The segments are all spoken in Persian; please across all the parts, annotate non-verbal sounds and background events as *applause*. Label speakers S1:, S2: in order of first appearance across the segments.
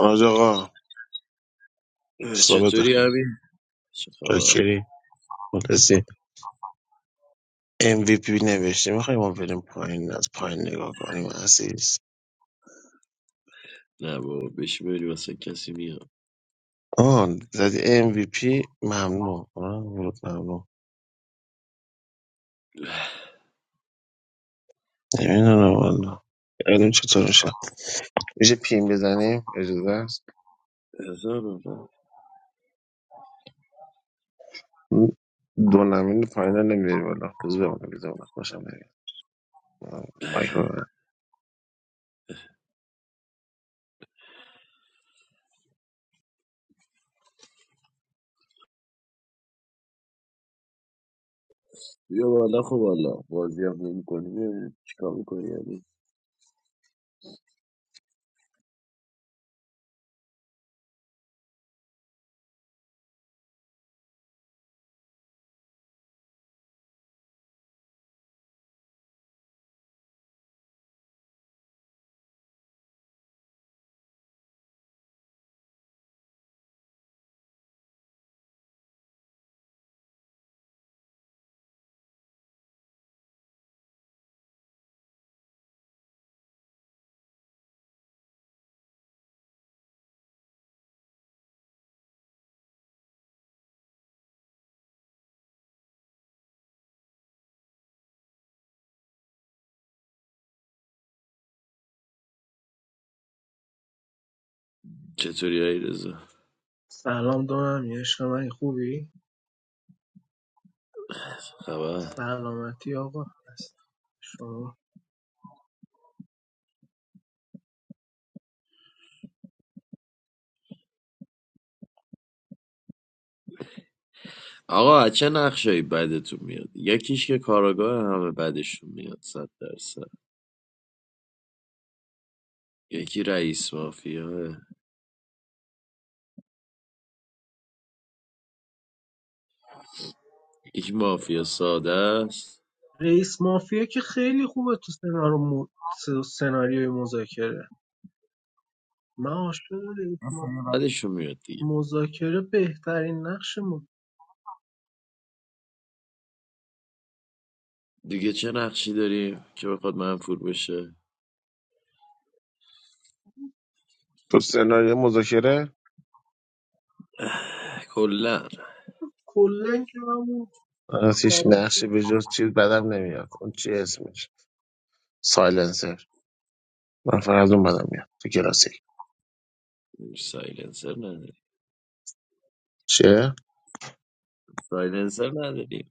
S1: آج آقا
S2: اه،
S1: صحبت
S2: چطوری همین؟ چه خبر؟
S1: شاکری مخلصی MVP نوشته میخوای ما بریم پایین از پایین نگاه کنیم عزیز
S2: نه بابا بشی بری واسه کسی میاد
S1: آن زدی MVP ممنون آه، ورود ممنون نمیدونم والا الان چطور میشه میشه پیم بزنیم اجازه است
S2: احسان آقا.
S1: دو نمین پایین رو نمیاری بالا بذار بمونه بذار بمونه باشم نمیاد مایکو ببند.
S2: بیا بالا خب بالا بازی هم نمی کنی چیکار میکنی همین؟ چطوری هایی رزا؟
S3: سلام دانمی عشق من خوبی؟
S2: خبر؟
S3: سلامتی آقا هست شما
S2: آقا از چه نقشایی بدتون میاد یکیش که کاراگاه همه بدشون میاد صد درصد یکی رئیس مافیا یکی مافیا ساده است
S3: رئیس مافیا که خیلی خوبه تو سناریو مو- س- سناریوی مذاکره من عاشق رئیس ما...
S2: بعدشون میاد دیگه
S3: مذاکره بهترین نقش ما
S2: دیگه چه نقشی داریم که بخواد منفور بشه
S1: تو سناریو مذاکره
S2: کلا
S3: کلا که من اون
S1: از هیچ
S3: کارا
S1: نقشی به جز چیز بدم نمیاد اون چی اسمش سایلنسر من فقط از اون بدم میاد تو کلاسیک
S2: سایلنسر نداریم
S1: چه؟
S2: سایلنسر نداریم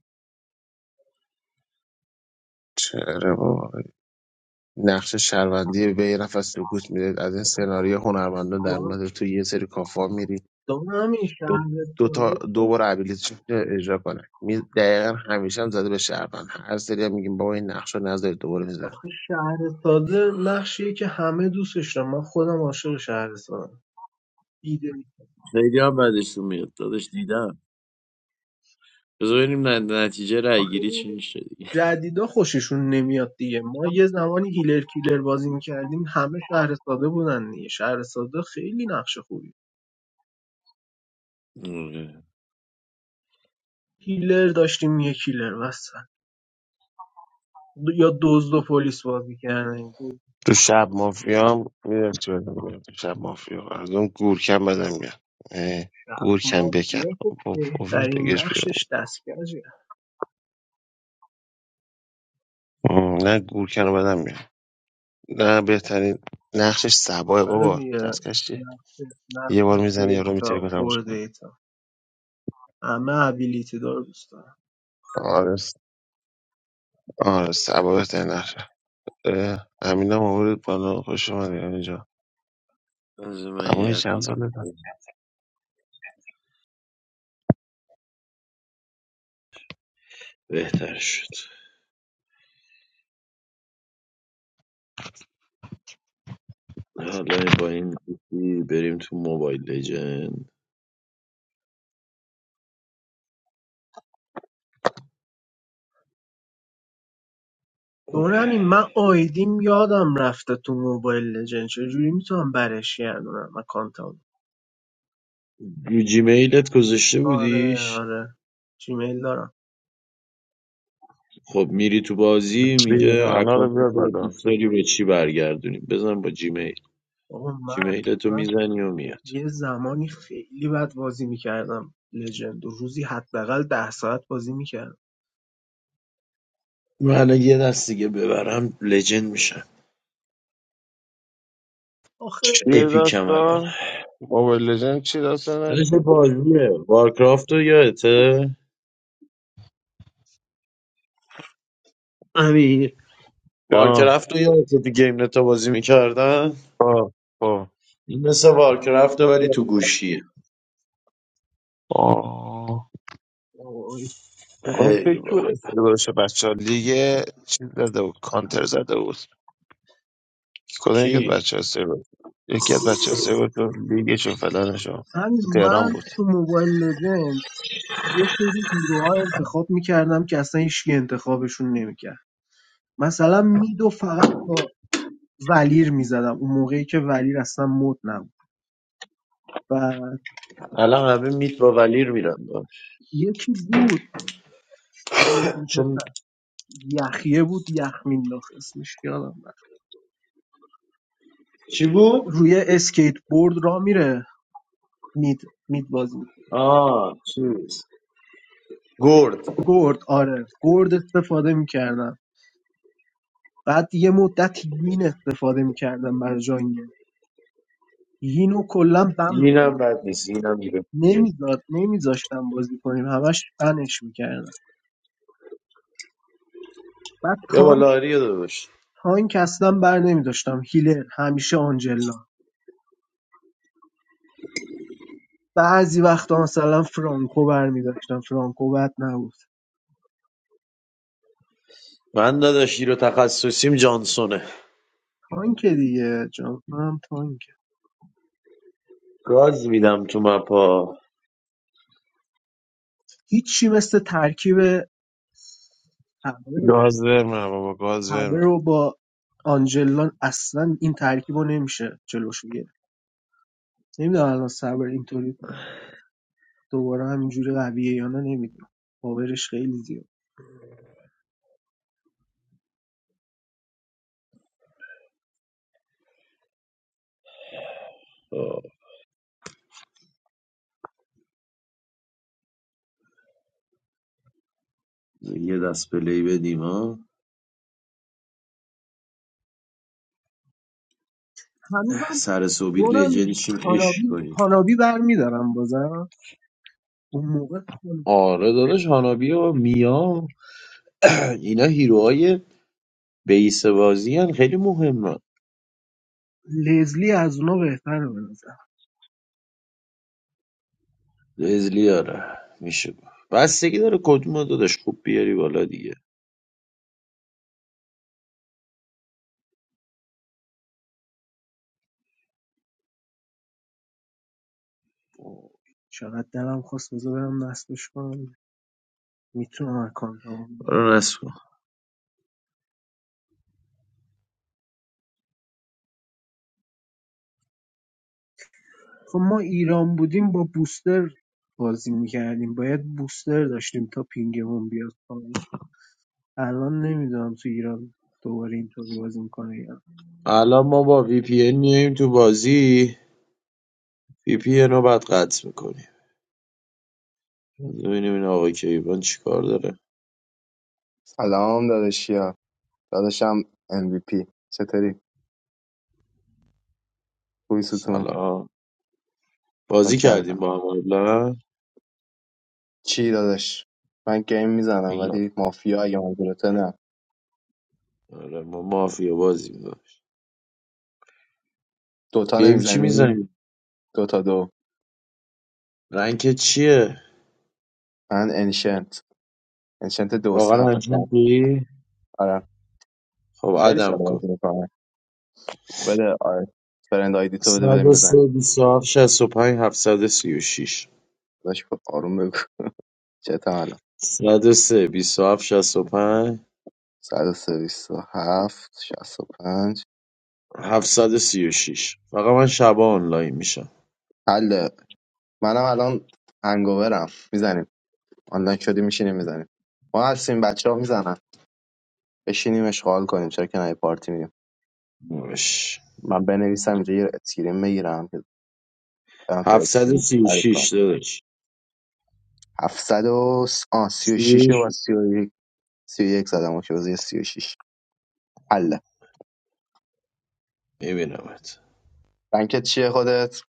S1: چرا بابا نقش شهروندی به یه نفر سکوت میده از این سناریو هنرمندا در مورد تو یه سری کافا میری
S3: دانمی
S1: دو
S3: شهر
S1: دو تا
S3: سازی که
S1: دو بار ابیلیتیش اجرا کنه می دقیقا همیشه هم زده به شهروند هر سری هم میگیم بابا این نقش رو نذارید دوباره میزن
S3: آخه شهر ساده نقشیه که همه دوستش دارن من خودم عاشق شهر سازم. ایده
S2: خیلی هم بدشون میاد داداش دیدم بذار ببینیم ن- نتیجه رای گیری چی
S3: آخه
S2: میشه دیگه
S3: جدیدا خوششون نمیاد دیگه ما یه زمانی هیلر کیلر بازی میکردیم همه شهر ساده بودن دیگه شهر ساده خیلی نقش خوبی
S2: آره.
S3: هیلر داشتیم یه کیلر وسط یا دزد و پلیس بازی کردن دو
S1: تو شب مافیا هم میدونم چی بدم میاد تو شب مافیا از اون گورکم بدم میاد اه،
S3: شب
S1: گورکن بکن
S3: مافیا که
S1: با پوفیوز
S3: بهترین
S1: بگش بیرون
S3: نقشش دستگیره
S1: ام، نه گورکن رو بدم میاد نه بهترین نقشش سباه
S3: آره
S1: بابا
S3: دیگه
S1: دستکش چیه
S3: نقش نقش
S1: یه بار میزنه یارو میتره
S3: دیتا
S1: که تموم
S3: پر
S1: شد.
S3: دیتا همه ابیلیتی دار دوست دارم
S1: آره س- آره سبا بهترین نقشه اه، امین هم آورد بالا خوش اومدی اینجا
S2: بذار من
S1: اما این
S2: یه
S1: چند ساله
S2: اکانت
S1: داره
S4: بهتر شد حالا با این گوشی بریم تو موبایل لجند
S3: دور همین من آیدیم یادم رفته تو موبایل لجن چجوری میتونم برش گردونم اکانتم
S4: رو جیمیلت گذاشته
S3: آره
S4: بودیش
S3: آره جیمیل دارم
S4: خب میری تو بازی میگه
S1: ریحانا
S4: اکانت
S1: رو بیار
S4: تو
S1: بالا
S4: دوست داری به چی برگردونیم بزن با جیمیل
S3: آقا من
S4: جیمیلت رو
S3: من
S4: میزنی و میاد
S3: یه زمانی خیلی بد بازی میکردم لژند روزی حداقل ده ساعت بازی میکردم
S4: من الان یه دست دیگه ببرم لجند میشم
S3: آخه
S1: چیه
S4: اپیکم الان
S1: داستان موبایل لژند چی داستانه
S4: درش بازیه وارکرافت رو یادته امیر
S1: جان
S4: وارکرافت رو یادته تو گیم نتا بازی میکردن
S1: خب خب
S4: این مثل وارکرافت ولی تو گوشیه
S1: آه.
S3: وای.
S1: اون
S4: خیلی
S1: فکر بود
S4: باحال
S1: استفاده بچه ها لیگ چیز زده بود کانتر زده بود کدوم
S4: کی
S1: یکی از بچه ها سرور یکی از بچه ها سرور تو لیگش و فلانشو
S3: من
S1: تو تهران
S3: من
S1: بود
S3: تو موبایل لژند یه سری هیروها انتخاب میکردم که اصلا هیچکی انتخابشون نمیکرد مثلا میدو فقط با ولیر میزدم اون موقعی که ولیر اصلا مد نبود و
S4: الان همه میت با ولیر میرن داداش.
S3: یکی بود این
S4: چون
S3: پسر یخیه بود یخ مینداخت اسمش یادم
S4: چی بود
S3: روی اسکیتبورد راه میره مید مید بازی می‌کنه.
S4: آه چیز گرد
S3: گرد آره گرد استفاده میکردم بعد یه مدت یین استفاده میکردم برای جانگل یینو کلا بم
S4: اینم
S3: میکردم
S4: بد نیست اینم میره
S3: نمیذار نمیذاشتم بازی کنیم همش بنش میکردم بعد
S4: یا
S3: تانک
S4: بالا آریا داداش
S3: تانک اصلا بر نمیداشتم هیلر همیشه آنجلا بعضی وقتا مثلا فرانکو برمیداشتم فرانکو بد نبود
S4: من داداش رو تخصصیم جانسونه
S3: تانک دیگه جان هم تانک
S4: گاز میدم تو مپا
S3: هیچی مثل ترکیب اول
S1: گاز ورمه بابا گاز
S3: همه
S1: ورمه
S3: رو با آنجلان اصلا این ترکیب رو نمیشه جلوشو گرفت نمیدونم الان صبر اینطوری دوباره همینجوری قویه یا نه نمیدونم باورش خیلی زیاد
S4: آه. یه دست پلی بدیم ها
S3: هنوزم
S4: سر صبحی
S3: دونم
S4: لجنشیم عشق
S3: هانابی
S4: کنیم
S3: هانابی برمیدارم بازم اون موقع خون-
S4: آره داداش هانابی و میا اینا هیروهای بیس بازی هن، خیلی مهم
S3: لزلی از اونا بهتره به نظر
S4: لزلی آره میشه گفت بستگی داره کدوم رو داداش خوب بیاری بالا دیگه
S3: وای، چقدر دلم خواست بذار برم نصبش کنم میتونم اکانت رو.
S4: آره نصف کن.
S3: خب ما ایران بودیم با بوستر بازی میکردیم باید بوستر داشتیم تا پینگمون بیاد الان نمیدونم تو ایران دوباره اینطوری بازی میکنه یا نه.
S4: الان ما با وی پی این میایم تو بازی وی پی ان رو بعد قطع میکنیم ببینیم این آقای کیوان چیکار داره
S5: سلام داداشیا داداشم MVP چطوری خوبی ستون
S4: سلام بازی کردیم
S5: کردم
S4: با هم قبلا
S5: چی داداش من گیم میزنم
S4: میگم
S5: ولی مافیا یا مافیا نه
S4: آره ما مافیا بازی داشت
S5: دوتا
S4: گیم چی
S5: نمیزنی
S4: میزنیم
S5: دوتا دو
S4: رنک چیه
S5: من انشنت انشنت دو
S4: واقعا
S5: سم فکر کنم.
S4: رنگ دی
S5: آره
S4: خب
S5: خیلی
S4: عدم
S5: سال
S4: کن
S5: بازی میکنم بده آره فرند آیدی تو بده بریم بزنیم
S4: 103 27 65 736
S5: داداش خب آروم بگو چه الان
S4: 103 27
S5: 137 پنج
S4: و 736 فقط من شبا آنلاین میشم
S5: حله منم الان هنگوورم میزنیم آنلاین شدی میشینیم میزنیم ما هستیم بچه ها میزنن بشینیم اشغال کنیم چرا که نه یه پارتی میدیم
S4: باش
S5: من بنویسم اینجا یه اسکرین بگیرم که برم تو استیم تعریف کنم
S4: 736 داداش
S5: 700 و س- آه 36 و
S4: 36
S5: 31 31 زدم اوکی بذار یه 36 حله
S4: میبینمت
S5: بنکت چیه خودت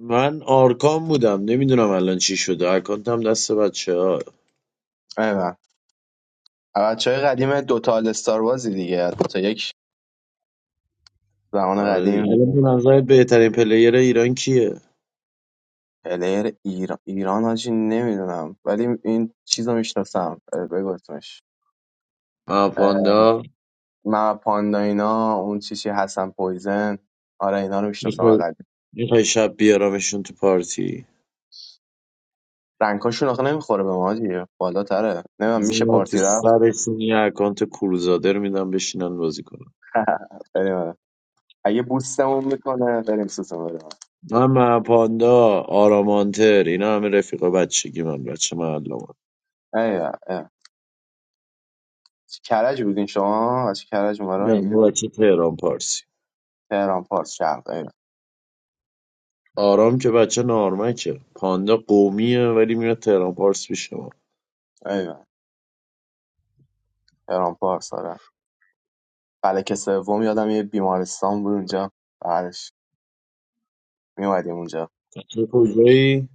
S4: من آرکام بودم نمیدونم الان چی شده اکانتم دست بچه ها
S5: ایول بچه های قدیم دوتا آل استار بازی دیگه دوتا یک زمان قدیم
S4: الان به نظرت بهترین پلیر ایران کیه
S5: پلیر ایران ایران هاجی نمیدونم ولی این چیز رو میشناسم بگو اسمش
S4: من پاندا
S5: من پاندا اینا اون چیزی چی هستن پویزن آره اینا رو میشناسم
S4: میخوای
S5: اقل
S4: میخوای شب بیارمشون تو پارتی
S5: رنگاشون آخه نمیخوره به ما دیگه بالاتره نمیدونم میشه
S4: بزنم تو
S5: پارتی رفت
S4: سرشون یه اکانت کروزادر میدم بشینن بازی کنن
S5: بریم اگه بوستمون میکنه بریم سوسم بریم
S4: من مهپاندا آرامانتر اینا همه رفیق بچگی من بچه معلمان
S5: ایوه ایوه چه کرج بودین شما از چه کرج
S4: نه ما
S5: این
S4: بچه تهران پارسی
S5: تهران پارس شرق ایوه
S4: آرام که بچه نارمکه پاندا قومیه ولی میاد تهران پارس میشه ما
S5: ایوه تهران پارس آره فلک سوم یادم یه بیمارستان بود اونجا بعدش میومدیم اونجا
S4: بچه کجایی؟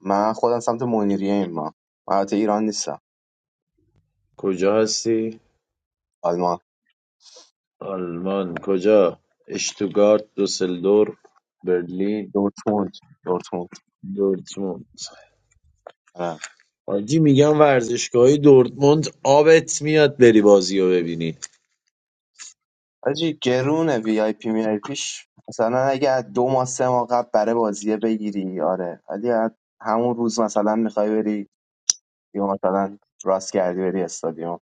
S5: من خودم سمت منیریه ایم ما من البته ایران نیستم
S4: کجا هستی؟
S5: آلمان
S4: آلمان کجا؟ اشتوگارت دوسلدور برلین
S5: دورتموند دورتموند
S4: دورتموند
S5: آره
S4: حاجی میگم ورزشگاهی دورتموند آبت میاد بری بازی رو ببینی
S5: حاجی گرونه وی آی پی می آی پیش مثلا اگه از دو ماه سه ماه قبل برای بازیه بگیری آره ولی از همون روز مثلا میخوای بری یا مثلا راست کردی بری استادیوم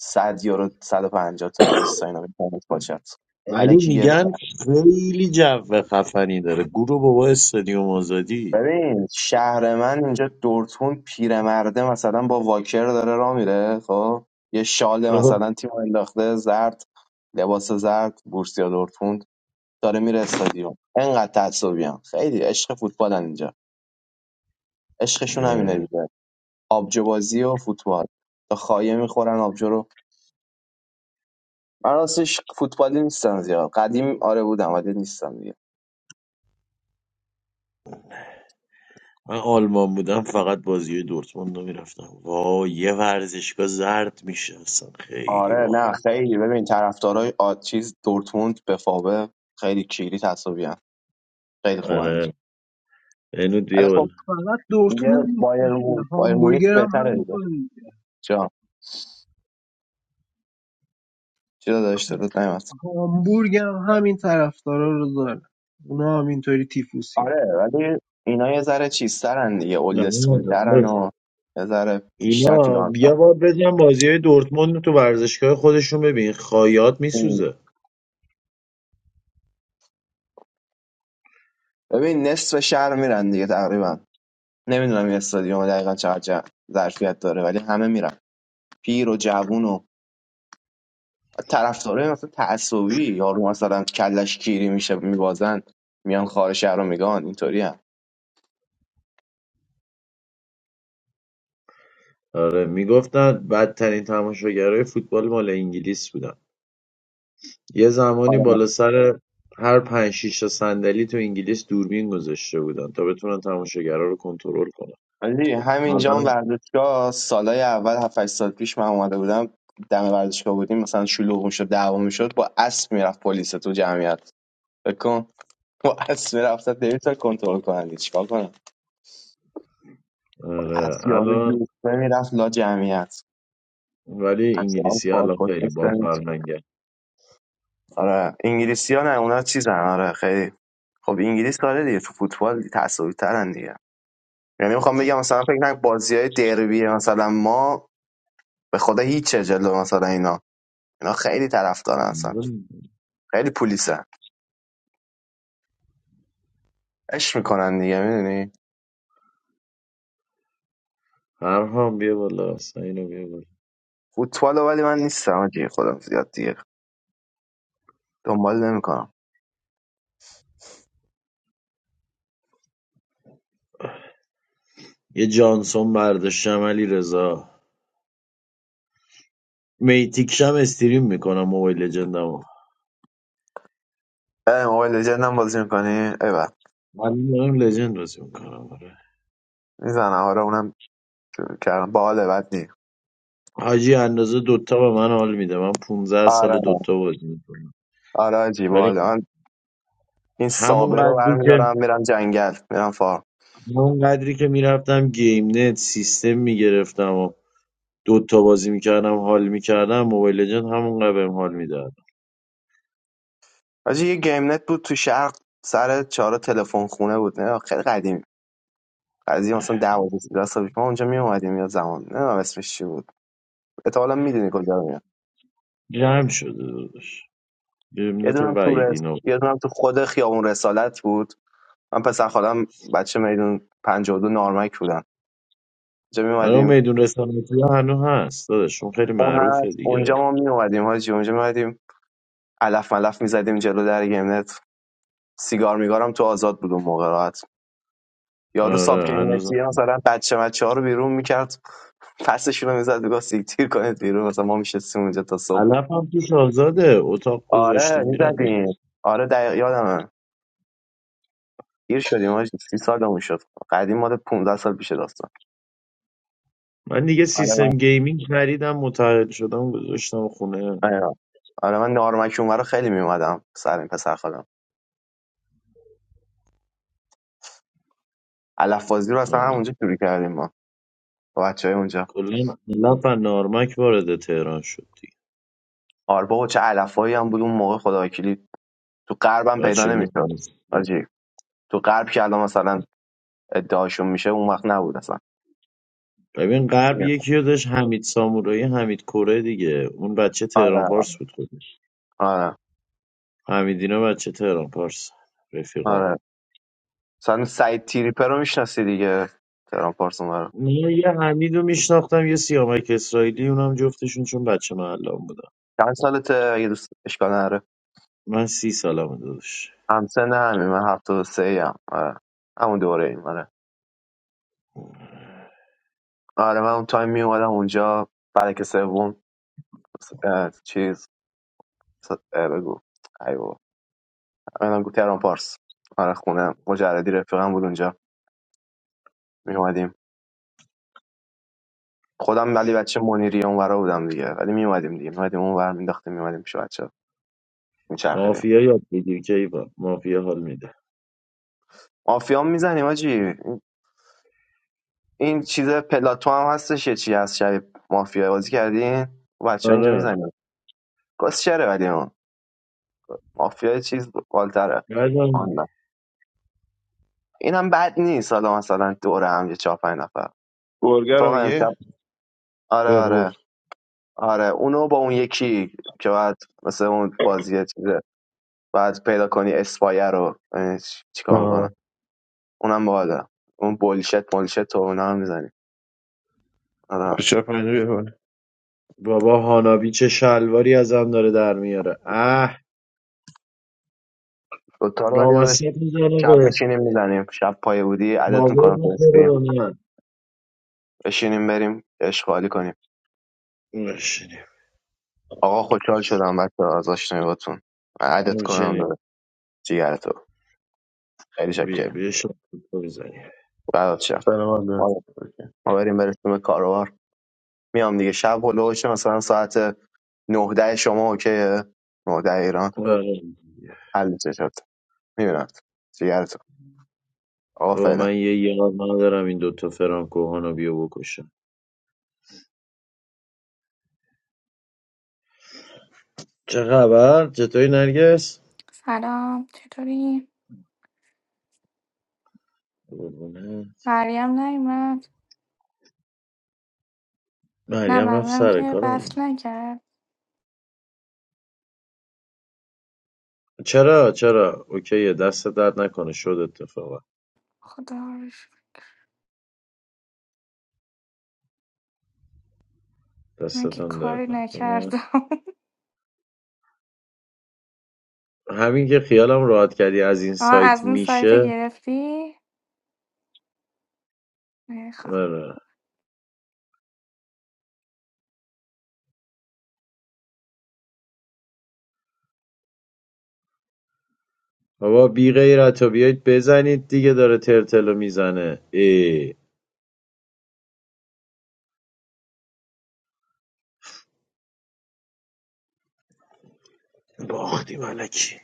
S5: 100 یورو 150 تا 200 تا اینا میتونید باشد
S4: ولی
S5: الکی گرونه
S4: میگن خیلی جو خفنی داره گروه بابا استادیوم آزادی
S5: ببین شهر من اینجا دورتون پیرمرده مثلا با واکر داره راه میره خب یه شال
S4: خب.
S5: مثلا تیم انداخته زرد لباس زرد بورسیا دورتموند داره میره استادیوم انقدر تعصبیان خیلی عشق فوتبالن اینجا عشقشون همینه
S4: آره.
S5: دیگه آبجو بازی و فوتبال تا خایه میخورن آبجو رو من راستش فوتبالی نیستم زیاد قدیم آره بودم ولی نیستم دیگه
S4: من آلمان بودم فقط بازی دورتموند رو میرفتم وای یه ورزشگاه زرد میشه اصلا خیلی
S5: آره نه
S4: باحال
S5: خیلی ببین طرفدارای آ- چیز دورتموند به فاوه خیلی کیری تعصبیان خیلی خوبن اینجا.
S4: آره اینو
S5: ولی خب
S3: خب
S4: دیول
S3: فقط
S5: دیگه
S3: دورتموند
S5: بایر
S3: نیستش که
S5: مو- بایر مونیخ
S3: هامبورگر هم
S5: بهتره دیگه
S3: همینطوره دیگه
S5: جان چرا داشت
S3: ها-
S5: رو نمیاد؟
S3: هامبورگ هم همین طرفدارا رو داره اونا هم اینطوری تیفوسی هم.
S5: آره ولی اینا یه ذره چیزترن دیگه اولد
S4: نه نه،
S5: اسکولترن
S4: داداش.
S5: و یه ذره بیشتر تو
S4: اینا
S5: دانسن
S4: بیا با بزن بازی های دورتموند رو تو ورزشگاه خودشون ببین خایات
S5: این-
S4: میسوزه
S5: ببین نصف شهر میرن دیگه تقریبا نمیدونم این استادیوم دقیقا چقدر جا- ظرفیت داره ولی همه میرن پیر و جوون و طرفدارای مثلا تعصبی یارو مثلا کلش کیری میشه میبازن میان خارج شهر رو میگان اینطوری هم.
S4: آره میگفتن بدترین تماشاگرای فوتبال مال انگلیس بودن یه زمانی بالا سر هر پنج شیش تا صندلی تو انگلیس دوربین گذاشته بودن تا بتونن تماشاگرها رو کنترل کنن
S5: ولی همینجا هم
S4: الان
S5: ورزشگاه سالای اول 7 سال پیش من اومده بودم دم ورزشگاه بودیم مثلا شلوغ میشد دعوا میشد با اسب میرفت پلیس تو جمعیت فکر کن با اسب میرفت نمیتونه کنترل کنن دیگه. چیکار کنن با
S4: آره،
S5: اسب یارو
S4: الان
S5: یوفه میرفت لا جمعیت
S4: ولی
S5: اصلا
S4: انگلیسی ها الان
S5: فارکوشت
S4: خیلی با فرهنگه
S5: آره انگلیسی ها نه اونا چیزن آره خیلی خب انگلیس داره دیگه تو فوتبال تعصبی ترن دیگه یعنی میخوام بگم مثلا فکر نکنم بازی های دربی مثلا ما به خدا هیچ جلو مثلا اینا اینا خیلی طرفدار هستن خیلی پولیسن عشق میکنن دیگه میدونی
S4: فرهام بیا بالا اینو بیا بالا
S5: فوتبال ولی من نیستم آجی خودم زیاد دیگه دنبال نمیکنم
S4: یه جانسون برداشتم علی رضا میتیکشم استریم میکنم موبایل لجندمو
S5: ای موبایل لژند هم بازی میکنی ایول
S4: ولی دارم لجند بازی میکنم آره
S5: میزنه آره اونم کردم باحال بد نی
S4: حاجی اندازه دوتا به من حال میده من 15
S5: آره
S4: سال دوتا بازی میکنم
S5: آره آجی باحال
S4: ولی
S5: من این
S4: همون
S5: سابه رو
S4: قدری که
S5: برمیدارم میرم جنگل میرم فار
S4: من اونقدری که میرفتم گیم نت سیستم میگرفتم و دوتا بازی میکردم حال میکردم موبایل لجند همونقدر بهم حال میداد
S5: آجی یه گیم نت بود تو شرق سر چهار تلفن خونه بود نه خیلی قدیم قضیه مثلا 10 12 13 سال پیش ما اونجا می اومدیم یا زمان نه اسمش چی بود احتمالاً میدونی کجا
S4: جمع شده داداش گیم
S5: یه
S4: نت
S5: دونم تو
S4: وعیدی
S5: رس...
S4: نو
S5: یه دونم تو خود خیابون رسالت بود من پسر خالم بچه میدون 52 نارمک بودم اونجا
S4: آره اون
S5: میومدیم
S4: میدون رسانتی هنوز هست داداش اون خیلی
S5: اون
S4: معروفه
S5: هست
S4: دیگه
S5: اونجا ما میومدیم حاجی اونجا میومدیم علف ملف میزدیم جلو در گمنت سیگار میگارم تو آزاد بود اون موقع راحت یارو ساب
S4: آره هنوز
S5: گیمنتی مثلا بچه بچه ها رو بیرون میکرد پسشون رو میزد میگفت سیکتیر کنید بیرون مثلا ما میشستیم اونجا تا صبح
S4: علف هم توش آزاده اتاق گذاشته
S5: آره
S4: میرن میگن
S5: میزدیم آره دقیق یادمه گیر شدیم حاجی سی سالمون شد قدیم مال 15 سال پیش داستان
S4: من دیگه
S5: آره من
S4: سیستم گیمینگ خریدم متعهد شدم گذاشتم خونه
S5: آره آره من نارمک اونورا خیلی میومدم سر این پسر خالم علفبازی رو اصلا
S4: آره.
S5: همونجا شروع کردیم ما با بچه های اونجا
S4: کلا علف و نارمک وارد تهران شد دیگه
S5: آره بابا چه علفایی هم بود اون موقع خدا وکیلی تو غربم پیدا
S4: بچه
S5: نمیشد
S4: میدونید
S5: آجی تو غرب که الان مثلا ادعاشون میشه اون وقت نبود اصلا
S4: ببین غرب یکی رو داشت حمید سامورایی حمید کره دیگه اون بچه تهران
S5: آره
S4: پارس بود خودش
S5: آره
S4: حمیدینا بچه تهران پارس رفیقا
S5: آره مثلا سعید تیریپه رو میشناسی دیگه تهران پارس رو
S4: من یه حمید رو میشناختم یه سیامک اسرائیلی اونم جفتشون چون بچه محلم بودم
S5: چند سالته اگه دوست اشکال نداره
S4: من سی سالم داداش
S5: همسن همین من هفته و سه هم. آره همون دوره ایم آره آره من اون تایم میومدم اونجا فلک سوم اه، چیز اه، بگو ایو من گفت تهران پارس آره خونه مجردی رفیقم بود اونجا میومدیم خودم ولی بچه منیری اونورا بودم دیگه ولی میومدیم اومدیم دیگه می اومدیم اونور مینداختیم می پیش بچه میچرخیدیم
S4: مافیا یاد بگیر کیبا مافیا حال میده
S5: مافیا هم میزنیم آجی این چیز پلاتو هم هستش یه چی هست شبیه مافیا بازی کردین بچه ها اینجا
S4: آره
S5: میزنیم شره ولی اون مافیا یه چیز بالتره
S4: بعدم
S5: آن نه. این هم بد نیست حالا مثلا دوره هم یه چهار پنج نفر
S1: برگر هم
S5: اتفاقا امشب
S1: یه
S5: آره آره
S1: برور
S5: آره اونو با اون یکی که بعد مثل اون بازی چیزه بعد پیدا کنی اسپایر رو ببینی چی- چیکار میکنه
S1: آه
S5: اونم بالا اون بولشت بولشت و اونا هم میزنیم آره
S1: بچه پنجه بیار بالا.
S4: بابا هانابی چه شلواری از هم داره در میاره اه
S5: دوتا رو ولی داداش
S4: رامسیت میزنه
S5: شب
S4: به
S5: میچینیم میزنیم شب پای بودی عدت
S4: کاور
S5: میکنم تو اسکریم
S4: میخوره به من
S5: بشینیم بریم اشغالی کنیم
S4: نشینیم
S5: آقا خوشحال شدم بچه از آشنایی باتون عدت کنم داداش جیگر تو خیلی
S4: بیا
S5: شکر
S4: بیا شما دوتا بزنیم
S5: برات شم
S1: سلامت
S5: آره
S1: دارد
S5: ما بریم برسیم کارو میام دیگه شب هلوش مثلا ساعت 9 ده شما اوکیه 9 ده ایران
S4: آره. دیگه.
S5: حل میشه شد میبینم جیگرتون آقا
S4: بابا
S5: فعلا
S4: من یه یار ندارم این دوتا فرانکوهان رو بیا بکشم چه خبر؟ چطوری نرگس؟
S6: سلام چطوری؟
S4: قربونه
S6: مریم نیومد؟ نه
S4: مریم رفت
S6: منظورم
S4: سر
S6: که
S4: کار
S6: بس
S4: حالا
S6: نکرد
S4: چرا چرا اوکیه دست درد نکنه شد اتفاقا
S6: خدا رو شکر. من که
S4: دستتان
S6: کاری
S4: درد نکنه
S6: نکردم *laughs*
S4: همین که خیالم راحت کردی از این
S6: آه از
S4: سایت
S6: اون سایت
S4: میشه
S6: گرفتی؟ نمیخوام
S4: آره بابا بی غیرت و بیایید بزنید دیگه داره ترتلو میزنه ای باختی ملکی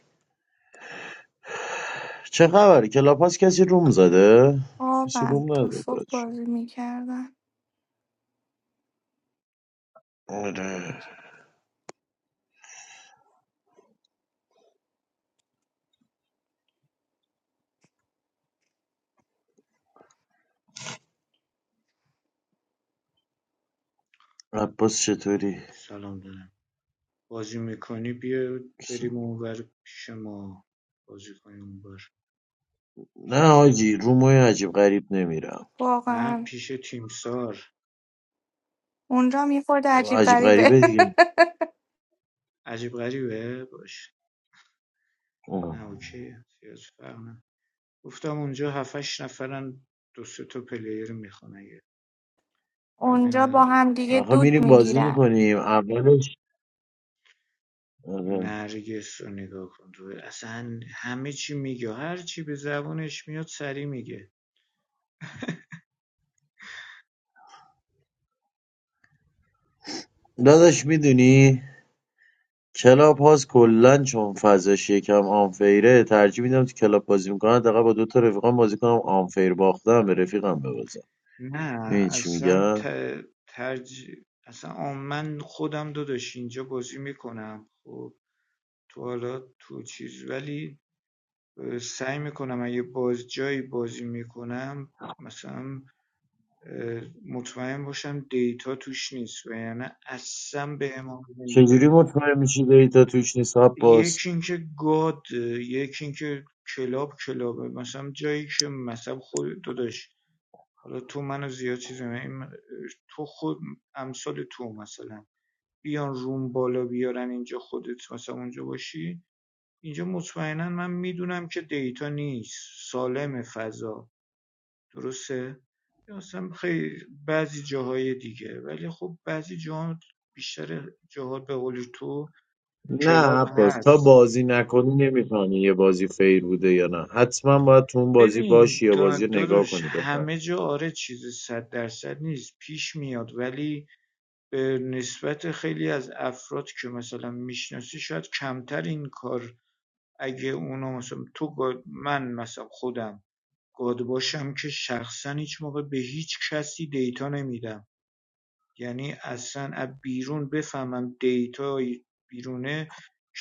S4: چه خبره کلاپاس کسی روم زده کسی
S6: واقعا
S4: روم
S6: تا
S4: نزده
S6: صبح
S4: بچه
S6: بازی میکردن
S4: آره عباس چطوری
S7: سلام دارم. بازی میکنی بیا بریم اونور پیش ما بازی کنیم اونور پیش
S4: نه آجی
S7: تیم
S4: رومای عجیب غریب نمیرم
S7: نه
S6: واقعا
S7: پیش تیمسار
S6: اونجا هم یه خورده عجیب
S7: تیم
S4: عجیب
S6: غریبه
S4: غریبه دیگه
S7: عجیب غریبه باش نه
S4: آه.
S7: اوکی زیاد فرق نه گفتم اونجا هفتش نفرن دو سه تا پلیر میخوان اگه
S6: *laughs*
S7: فرقی
S6: اونجا با
S7: نداره
S6: هم دیگه
S4: آخه
S6: دود
S4: میریم بازی
S6: میگیرن
S4: میکنیم اولش آره.
S7: نرگس رو نگاه کن تو اصلا همه چی میگه هر چی به زبانش میاد سری میگه
S4: داداش میدونی کلاب هاست کلا چون فضاش یکم آنفیره ترجیح میدم تو کلاب بازی میکنم حداقل با دو تا رفیقام بازی کنم آنفیر باختم به رفیقم ببازم
S7: نه
S4: این چی
S7: اصلا ت...
S4: میگم
S7: ترج... اصلا آم- من خودم داداش اینجا بازی میکنم خب تو حالا تو چیز ولی اه، سعی میکنم اگه باز جایی بازی میکنم مثلا اه، مطمئن باشم دیتا توش نیست و یعنی اصلا به امام
S4: چجوری
S7: نمیده
S4: مطمئن میشی دیتا توش نیست عباس
S7: یکی اینکه گاد یکی اینکه کلاب کلابه مثلا جایی که مثلا خود داداش حالا تو منو زیاد چیز نمیم. تو خود امثال تو مثلا بیان روم بالا بیارن اینجا خودت مثلا اونجا باشی اینجا مطمئنا من میدونم که دیتا نیست سالم فضا درسته یا مثلا خیلی بعضی جاهای دیگه ولی خب بعضی جاها بیشتر جاها به قول تو
S4: نه
S7: کلاب
S4: عباس تا
S7: هست
S4: بازی نکنی نمیفهمی یه بازی فیر بوده یا نه حتما باید تو اون بازی
S7: ببین
S4: باشی یا بازی
S7: دا-
S4: رو نگاه
S7: داداش
S4: کنی بفهم
S7: همه جا آره چیز صد درصد نیست پیش میاد ولی به نسبت خیلی از افراد که مثلا میشناسی شاید کمتر این کار اگه اونا مثلا تو گا- من مثلا خودم گاد باشم که شخصا هیچ موقع به هیچ کسی دیتا نمیدم یعنی اصلا از بیرون بفهمم دیتا بیرونه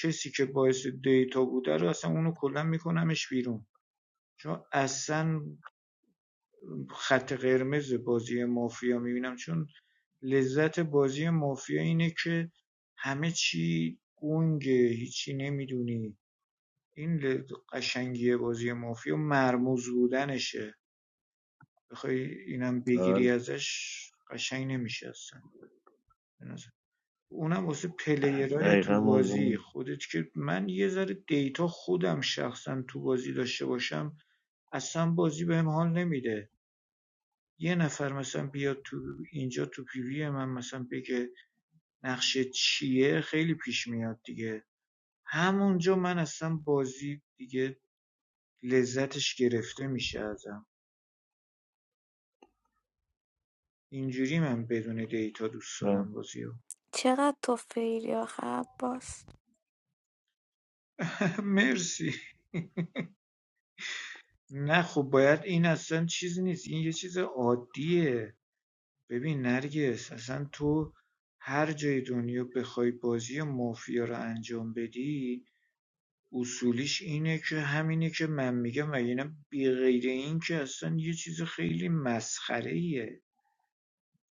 S7: کسی که باعث دیتا بوده رو اصلا اونو کلا میکنمش بیرون چون اصلا خط قرمز بازی مافیا میبینم چون لذت بازی مافیا اینه که همه چی گنگه هیچی نمیدونی این ل- قشنگی بازی مافیا مرموز بودنشه بخوای اینم بگیری
S4: بله.
S7: ازش قشنگ نمیشه اصلا به نظر. اونم واسه پلیرای
S4: دقیقا
S7: تو بازی
S4: موضوع
S7: خودت که من یه ذره دیتا خودم شخصا تو بازی داشته باشم اصلا بازی بهم حال نمیده یه نفر مثلا بیاد تو اینجا تو پیوی من مثلا بگه نقشه چیه خیلی پیش میاد دیگه همونجا من اصلا بازی دیگه لذتش گرفته میشه ازم اینجوری من بدون دیتا دوست
S4: بله.
S7: دارم بازی
S6: چقدر تو فیلی آخه عباس
S7: *laughs* مرسی نه خب باید این اصلا چیز نیست این یه چیز عادیه ببین نرگس اصلا تو هر جای دنیا بخوای بازی مافیا رو انجام بدی اصولیش اینه که همینه که من میگم وگرنه بی غیر این که اصلا یه چیز خیلی مسخره ایه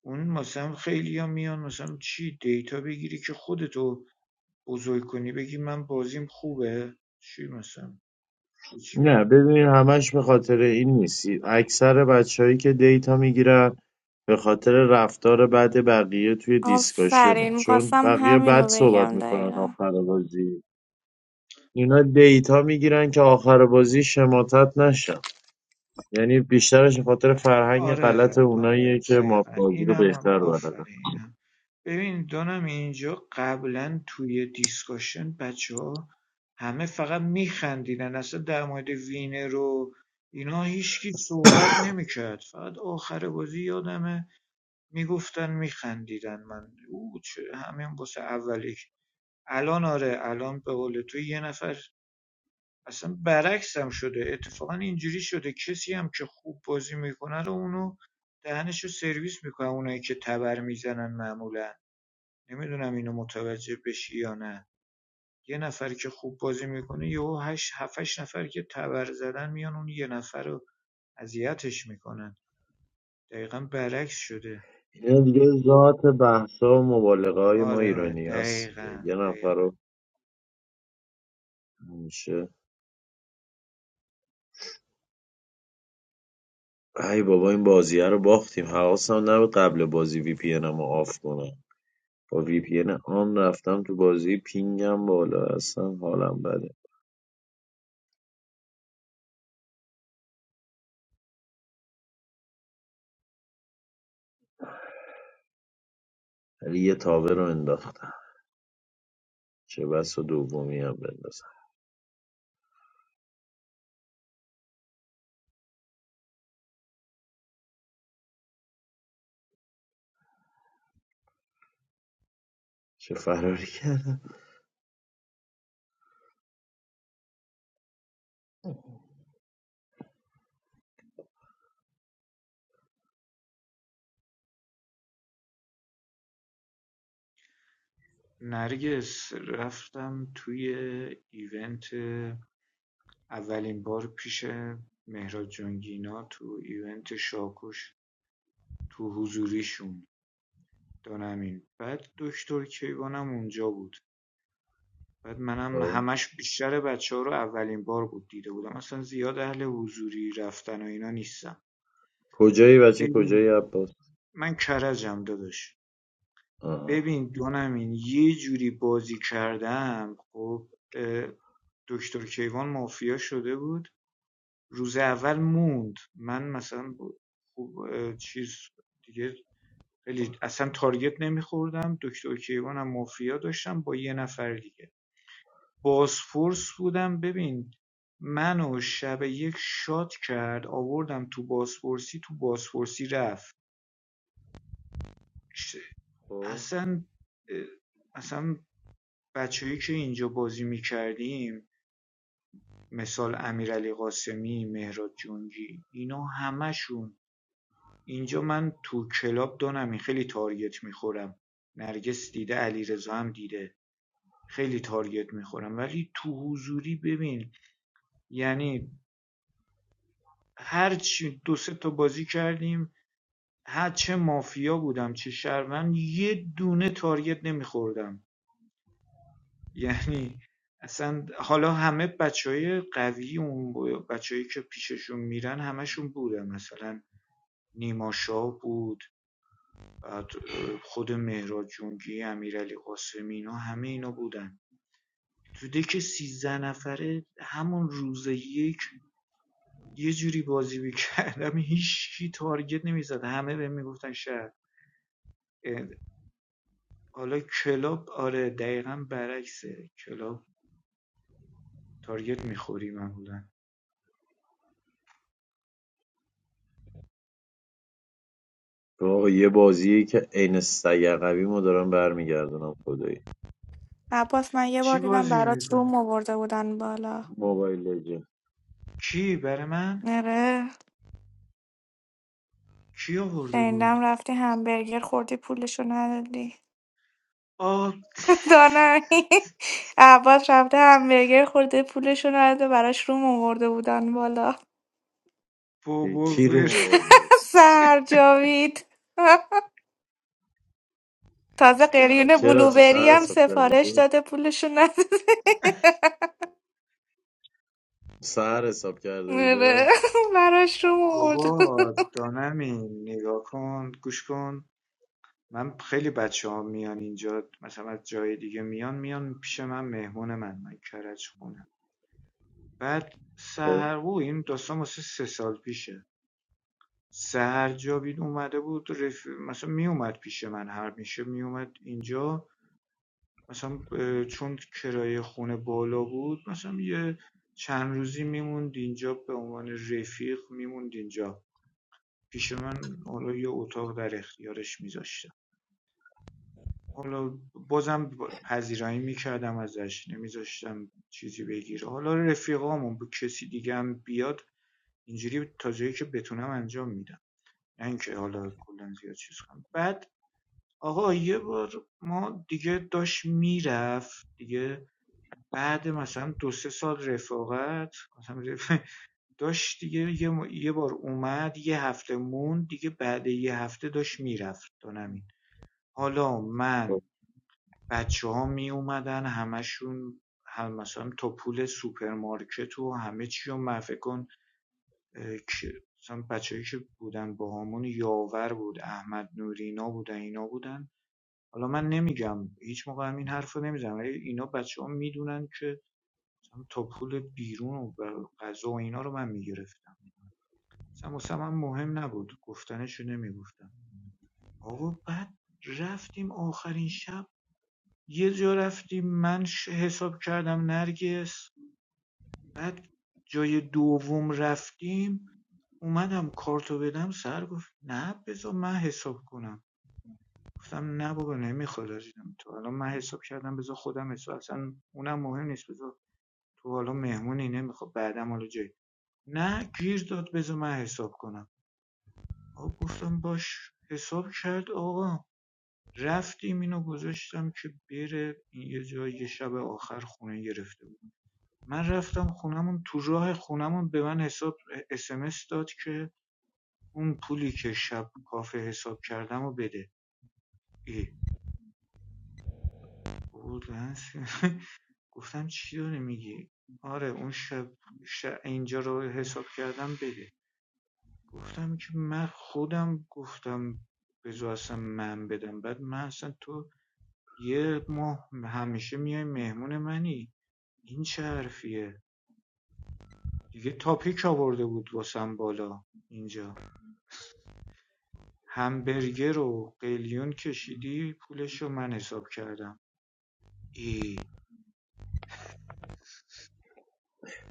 S7: اون مثلا خیلی ها میان مثلا چی دیتا بگیری که خودتو بزرگ کنی بگی من بازیم خوبه چی مثلا چی
S4: نه ببینید همش به خاطر این نیست اکثر بچههایی که دیتا میگیرن به خاطر رفتار بد بقیه توی دیسکاشنه
S6: آفرین
S4: چون
S6: میخواستم
S4: بقیه بد
S6: همینو
S4: صحبت
S6: بگم
S4: میکنن
S6: دقیقا
S4: آخر بازی اینا دیتا میگیرن که آخر بازی شماتت نشن یعنی بیشترش به خاطر فرهنگ غلط
S7: آره آره
S4: اوناییه که
S7: دقیقا
S4: مافیازی رو
S7: اینم هم
S4: بهتر بلدن
S7: آفرین اینم ببین دانم اینجا قبلا توی دیسکاشن بچه ها همه فقط میخندیدن اصلا در مورد وینر و اینا هیچکی صحبت نمیکرد فقط آخر بازی یادمه میگفتن میخندیدن من او چه همین واسه اولی الان آره الان به قول تو یه نفر اصلا برعکس هم شده اتفاقا اینجوری شده کسی هم که خوب بازی میکنه رو اونو دهنشو سرویس میکنه. اونایی که تبر میزنن معمولا نمیدونم اینو متوجه بشی یا نه یه نفر که خوب بازی میکنه یهو هشت هفتش نفر که تبر زدن میان اون یه نفر رو اذیتش میکنن دقیقا برعکس شده
S4: اینا دیگه ذات بحثا و مبالغه های ما
S7: آره
S4: ایرانی هست دیگه
S7: دقیقا
S4: یه نفر
S7: دقیقا
S4: رو میشه ای بابا این بازیه رو باختیم حواسم نبود قبل بازی وی پی رو آف کنم با وی پی آن رفتم تو بازی پینگم بالا هستم حالم بده ولی یه تابه رو انداختم چه بس و دومی هم بندازم چه فراری کردم
S7: نرگس رفتم توی ایونت اولین بار پیش مهراد جانگینا تو ایونت شاکوش تو حضوریشون دانمین بعد دکتر کیوانم اونجا بود بعد منم
S4: آه.
S7: همش بیشتر بچه ها رو اولین بار بود دیده بودم اصلا زیاد اهل حضوری رفتن و اینا نیستم
S4: کجایی بچه کجایی
S7: ببین
S4: عباس
S7: من کرجم داداش
S4: آه.
S7: ببین دانمین یه جوری بازی کردم خب دکتر کیوان مافیا شده بود روز اول موند من مثلا خوب چیز دیگه خیلی اصلا تارگت نمیخوردم دکتر کیوانم مافیا داشتم با یه نفر دیگه بازفورس بودم ببین منو شب یک شات کرد آوردم تو بازپرسی تو بازپرسی رفت ش-
S4: خب.
S7: اصلا اه، اصلا بچههایی که اینجا بازی میکردیم مثال امیرعلی قاسمی مهراد جنگی اینا همشون اینجا من تو کلاب دانمین خیلی تارگت میخورم نرگس دیده علیرضا هم دیده خیلی تارگت میخورم ولی تو حضوری ببین یعنی هر چی دو سه تا بازی کردیم هر چه مافیا بودم چه شهروند یه دونه تارگت نمیخوردم یعنی اصلا حالا همه بچهای های قوی اون بچههایی که پیششون میرن همشون بودن مثلا نیما شاه بود بعد اه، خود مهراد جنگی امیرعلی قاسمی اینا همه اینا بودن تو دک سیزده نفره همون روز یک یه جوری بازی می‌کردم *laughs* هیچ کی تارگت نمیزد همه بهم میگفتن شهر اه، حالا کلاب آره دقیقا برعکسه کلاب تارگت میخوری معمولا
S4: چون آقا یه بازیه که عین سگ عقبی ما دارم برمیگردونم خدایی
S6: عباس من یه بار
S7: چی
S6: دیدم
S7: بازی
S6: برات روم
S7: میکنی؟
S6: آورده بودن بالا
S4: موبایل لژند
S7: کی برای من؟
S6: نره
S7: کی آورده بود؟
S6: شنیدم رفتی همبرگر خوردی پولشو ندادی
S7: آ
S6: *laughs* دانمی عباس رفته همبرگر خورده پولشو نداده براش روم آورده بودن بالا
S7: *laughs* بابا
S4: کی رو
S7: ول
S4: ما آورده بود
S6: *laughs* سر جاوید تازه قلیون
S4: چرا چه
S6: بلوبری
S4: سهر
S7: بابا
S6: هم
S4: حساب کرده
S6: سفارش
S4: بود
S6: داده پولشو نداده
S4: سهر حساب
S6: *laughs*
S4: کرده بوده
S6: آره، براش روم آورده
S7: بابا
S6: بود
S7: دانمین نگاه کن گوش کن من خیلی بچه ها میان اینجا مثلا از جای دیگه میان میان پیش من مهمون من من کرج خونم بعد
S4: خب،
S7: سهر او این داستان واسه سه سال پیشه سهر جاوید اومده بود رف... مثلا میومد پیش من هر میشه میومد اینجا مثلا اه، چون کرایه خونه بالا بود مثلا یه چند روزی میموند اینجا به عنوان رفیق میموند اینجا پیش من حالا یه اتاق در اختیارش میذاشتم حالا بازم پذیرایی میکردم ازش نمیذاشتم چیزی بگیره حالا رفیقامون به کسی دیگه هم بیاد اینجوری تا جایی که بتونم انجام میدم نه اینکه حالا کلا زیاد چیز کنم بعد آقا یه بار ما دیگه داشت میرفت دیگه بعد مثلا دو سه سال رفاقت مثلا رف- *laughs* داشت دیگه یه, یه بار اومد یه هفته موند دیگه بعد یه هفته داشت میرفت دانمی حالا
S4: خب.
S7: من بچه‌ها میومدن همشون هم مثلا تا پول سوپرمارکت و همه چی و من کن اه، که- مثلا بچه‌ای که بودن با همون یاور بود احمد نورینا بودن اینا بودن حالا من نمیگم هیچ موقع هم این حرف رو نمیزنم اینا بچه ها میدونن که مثلا تا پول بیرون و ب- غذا و اینا رو من میگرفتم مثلا واسه من مهم نبود گفتنش نمیگفتم آقا بعد رفتیم آخرین شب یه جا رفتیم من حساب کردم نرگس بعد جای دوم رفتیم اومدم کارتو بدم سر گفت نه بذار من حساب کنم گفتم نه بابا نمیخواد عزیزم تو الان من حساب کردم بذار خودم حساب اصلا اونم مهم نیست بذار تو حالا مهمونی نمیخواد بعدم حالا جایی نه گیر داد بذار من حساب کنم آقا گفتم باش حساب کرد آقا رفتیم اینو گذاشتم که بره این یه جای یه شب آخر خونه گرفته من رفتم خونمون تو راه خونمون به من حساب اسمس داد که اون پولی که شب کافه حساب کردم و بده ای خب، *laughs* گفتم چی داری میگی آره اون شب, اینجا رو حساب کردم بده گفتم که من خودم گفتم بذار اصلا من بدم بعد من اصلا تو یه ماه همیشه میای مهمون منی این چه حرفیه دیگه تاپیک آورده بود واسم بالا اینجا همبرگر و قلیون کشیدی پولشو من حساب کردم ای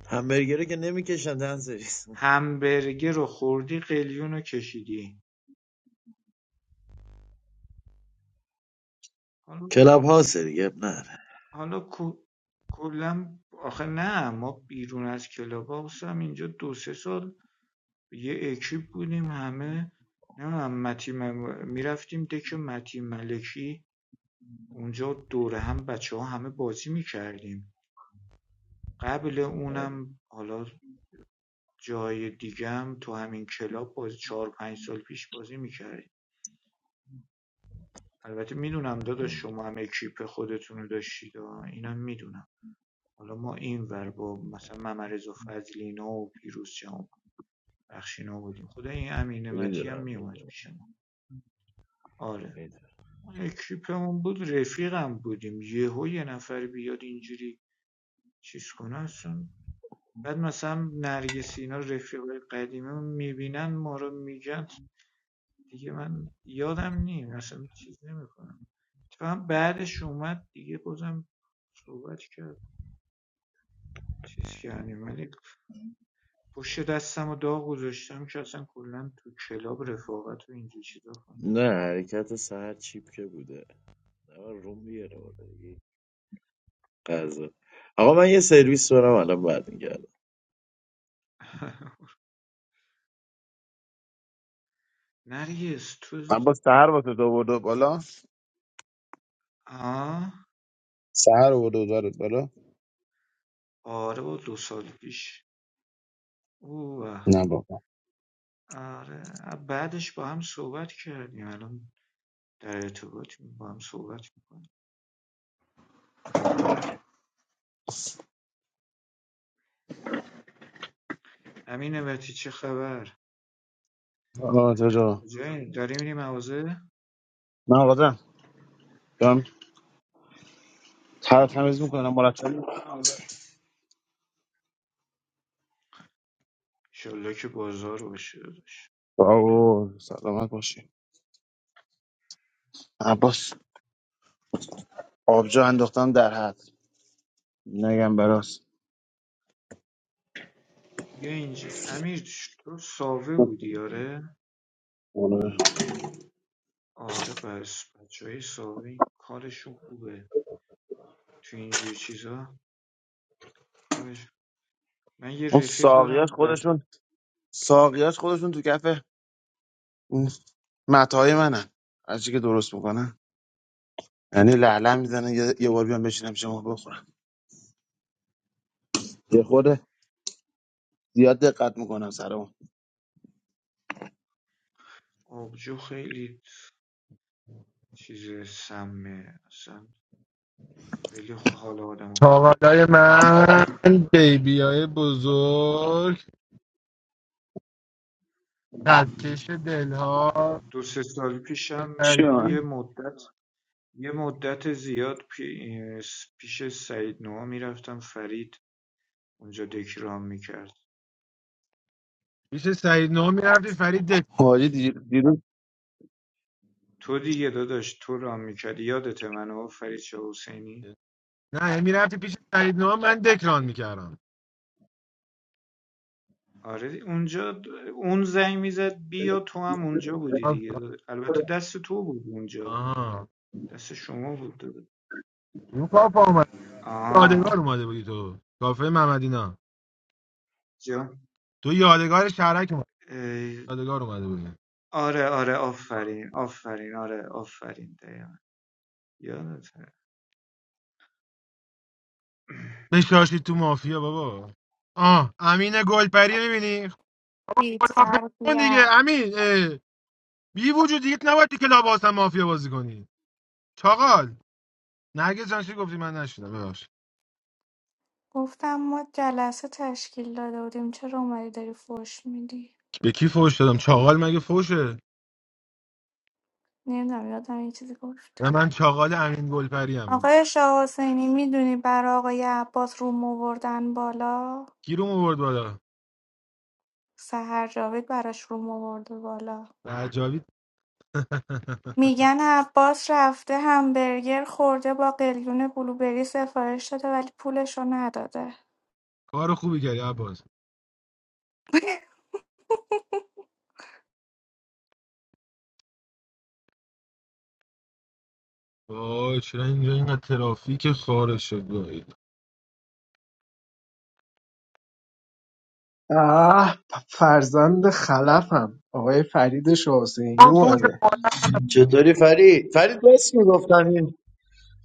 S4: همبرگره که نمیکشن دن سریس
S7: همبرگر رو خوردی قلیون رو کشیدی حالا,
S4: کلاب هاسه دیگه اب نره
S7: حالا کو- کلا آخه نه ما بیرون از کلاب هاوس هم اینجا دو سه سال یه اکیپ بودیم همه نمیدونم متی مم- میرفتیم دک متی ملکی اونجا دوره هم بچه ها همه بازی میکردیم قبل اونم حالا جای دیگم تو همین کلاب بازی چهار پنج سال پیش بازی می‌کردیم. البته میدونم داداش شما هم اکیپ خودتون رو داشتید آه. اینم میدونم حالا ما این ور با مثلا ممرز و فضلینا و پیروز جان بخشینا بودیم خدا این امین متی هم
S4: میدونم
S7: میومد
S4: میدونم
S7: پیش ما آره
S4: میدونم
S7: ما اکیپمون بود رفیقم بودیم یهو یه نفر بیاد اینجوری چیز کنه اصلا بعد مثلا نرگس اینا رفیقای قدیمی میبینن ما رو میگن دیگه من یادم نیم اصلا چیز نمیکنم اتفاقا بعدش اومد دیگه بازم صحبت کرد چیز کردیم ولی پشت دستم و داغ گذاشتم که اصلا کلا تو کلاب رفاقت و اینجور چیزا کنم
S4: نه حرکت سهر چیپ که بوده نه روم بیاره بوده دیگه قضا آقا من یه سرویس برم الان برمیگردم
S7: *laughs* نرگس تو
S1: عباس سهر واسه تو برده بالا
S7: آه
S1: سهر برده دارد بالا
S7: آره با دو سال پیش اوه
S1: نه بابا
S7: آره بعدش با هم صحبت کردیم الان در ارتباطیم با هم صحبت میکنیم امین امتی چه خبر؟
S1: آه جا
S7: کجایی؟ داری میری مغازه؟
S1: من آدم دارم تر
S7: آه
S1: تمیز
S7: هست.
S1: میکنم مرتب می‌کنم.
S7: ایشالله که بازار باشه داداش
S1: بابا سلامت باشی عباس آبجو انداختم در حد نگم براست
S7: بیا اینجا امیر تو ساوه بودی آره آره پس بچه های ساوه کارشون خوبه تو اینجور چیزا کارش من یه
S1: اون
S7: رفیق دارم
S1: ساقیاش
S7: بعد
S1: خودشون ساقیاش خودشون تو کف متاهای منن هرچی که درست میکنن یعنی لعله میزنن یه یه بار بیان بشینم شما بخورم یه خورده زیاد دقت میکنم سر اون
S7: آبجو خیلی چیز سمه اصلا خیلی خ- حال آدم خود.
S8: چاقالای من بیبیای بزرگ قدکش دلها
S7: دو سه سال پیشم
S1: چی
S7: یه,
S1: من؟
S7: یه
S8: فرید
S7: مدت یه مدت زیاد پی- پیش سعید نوها میرفتم فرید اونجا دکرام میکرد
S8: پیش سعید نو میرفتی فرید دک
S1: حاجی دی- دیروز
S7: تو دیگه داداش تو رام میکردی یادته منو فرید شاه حسینی
S8: نه میرفتی پیش سعید نو من دکران میکردم
S7: آره اونجا اون زنگ میزد بیا تو هم اونجا بودی دیگه البته دست تو بود اونجا
S8: آها
S7: دست شما بود
S8: اون کافه آمد
S7: آه
S8: یادگار اومده بودی تو کافه محمدینا
S7: جا
S8: تو یادگار شهرک اومد یادگار اومده بودی
S7: آره آره آفرین آفرین آره آفرین دقیقا یادته
S8: نشاشی تو مافیا بابا آه امین گلپری میبینی
S6: بی
S8: خدا کن دیگه امین اه. بی وجود دیگه نباید تو کلاب هاوس هم مافیا بازی کنی چاقال نرگس جان چی گفتی من نشیدم ببخش
S6: گفتم ما جلسه تشکیل داده بودیم چرا اومدی داری فوش میدی
S8: به کی فوش دادم چاقال مگه فوشه
S6: نمیدونم یادم یه چیزی گفت
S8: نه، من چاقال امین گلپری هم
S6: آقای شاه حسینی میدونی برای آقای عباس روم آوردن بالا
S8: کی رو آورد بالا
S6: سهر جاوید براش روم آورده بالا
S8: رجاوی *laughs*
S6: میگن عباس رفته همبرگر خورده با قلیون بلوبری سفارش داده ولی پولشو نداده
S8: کار خوبی کردی عباس
S6: *laughs*
S8: وای چرا اینجا این ترافیک خاره شد وای
S3: آه پ- فرزند خلفم آقای فرید شاحسینی
S8: آه، فوش
S3: اومده
S8: مادر.
S4: چطوری فرید فرید بس میگفتم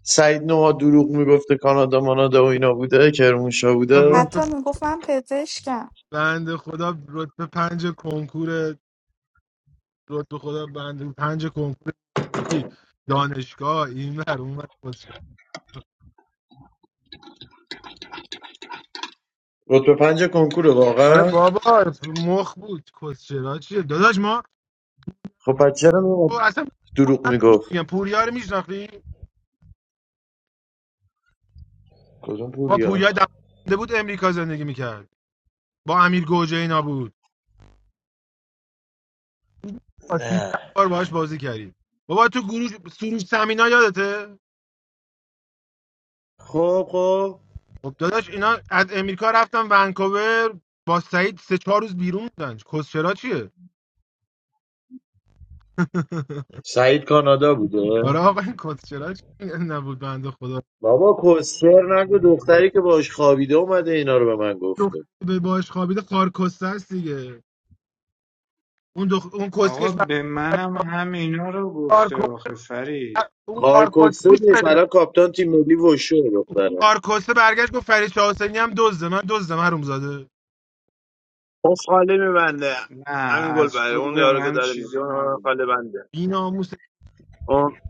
S4: سعید نوها دروغ میگفته کانادا مانادا و اینا بوده کرمانشاه بوده
S6: حتی
S8: رتبه
S6: میگفت من پزشکم
S8: بند خدا رتبه پنج کنکور رتبه خدا بند پنج کنکور چی؟ دانشگاه این بر اون ور.
S4: رتبه پنج کنکور
S8: آره
S4: واقعا
S8: بابا مخ بود کسچرا چیه داداش ما
S4: خب پس چرا میومد دروغ میگفت
S8: میگم پوریا رو میشناختی
S4: کدوم
S8: با پوریا
S4: پوریا
S8: دوونده بود امریکا زندگی میکرد با امیر گوجه اینا بود با 300
S4: نه
S8: بار باهاش بازی کردیم بابا تو گروه سروش سمینا یادته
S4: خب خب
S8: خب داداش اینا از امریکا رفتن ونکوور با سعید سه چهار روز بیرون بودن کسچرا چیه *laughs*
S4: سعید کانادا بوده
S8: آره آقا این کسچرا چیه نبود بنده خدا
S4: بابا کسر نگو دختری که باش خوابیده اومده اینا رو به من گفته
S8: دختر به باش خوابیده خارکسته است دیگه اون دخ... اون
S7: آقا
S8: کسکش بر...
S7: به منم هم اینا رو گفته
S8: خارکسته
S7: آخه فرید
S8: اون
S4: خار کسر
S8: خارکسکوش بده
S4: نیست الان کاپتان تیم ملی وشو دختره
S8: کارکسته برگشت گفت فرید شاه حسینی هم دزده من دزدم حروم زاده
S1: اون خاله میبنده
S7: نه
S1: همین گل
S7: از
S1: بره
S7: تو
S1: اون
S7: به
S1: یارو که
S7: من
S1: داره میگه
S7: چیزی
S1: اون آدم
S7: نگفت
S1: خاله بنده
S8: بی ناموس
S1: اون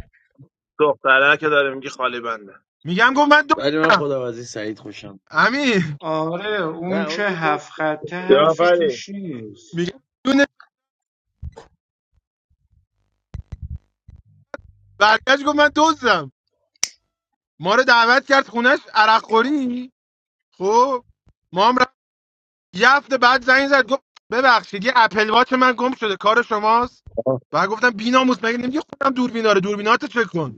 S1: دختره که داره میگه خاله بنده
S8: میگم گفت من
S4: ولی من
S8: دزدم
S4: خودم از این سعید خوشم
S8: امین
S7: آره اون
S4: نه
S7: که
S4: اون که کس
S7: هفت خطه
S1: یا
S7: حرفی
S1: فری
S7: توش نیست
S8: میگم دونه برگشت گفت من دزدم ما رو دعوت کرد خونش عرق خوری خب ما هم رفت یه هفته بعد زنگ زد گفت ببخشید یه اپل واچ من گم شده کار شماست و گفتم بی ناموس مگه نمیگه خودم دوربینا رو دوربیناتو چک کن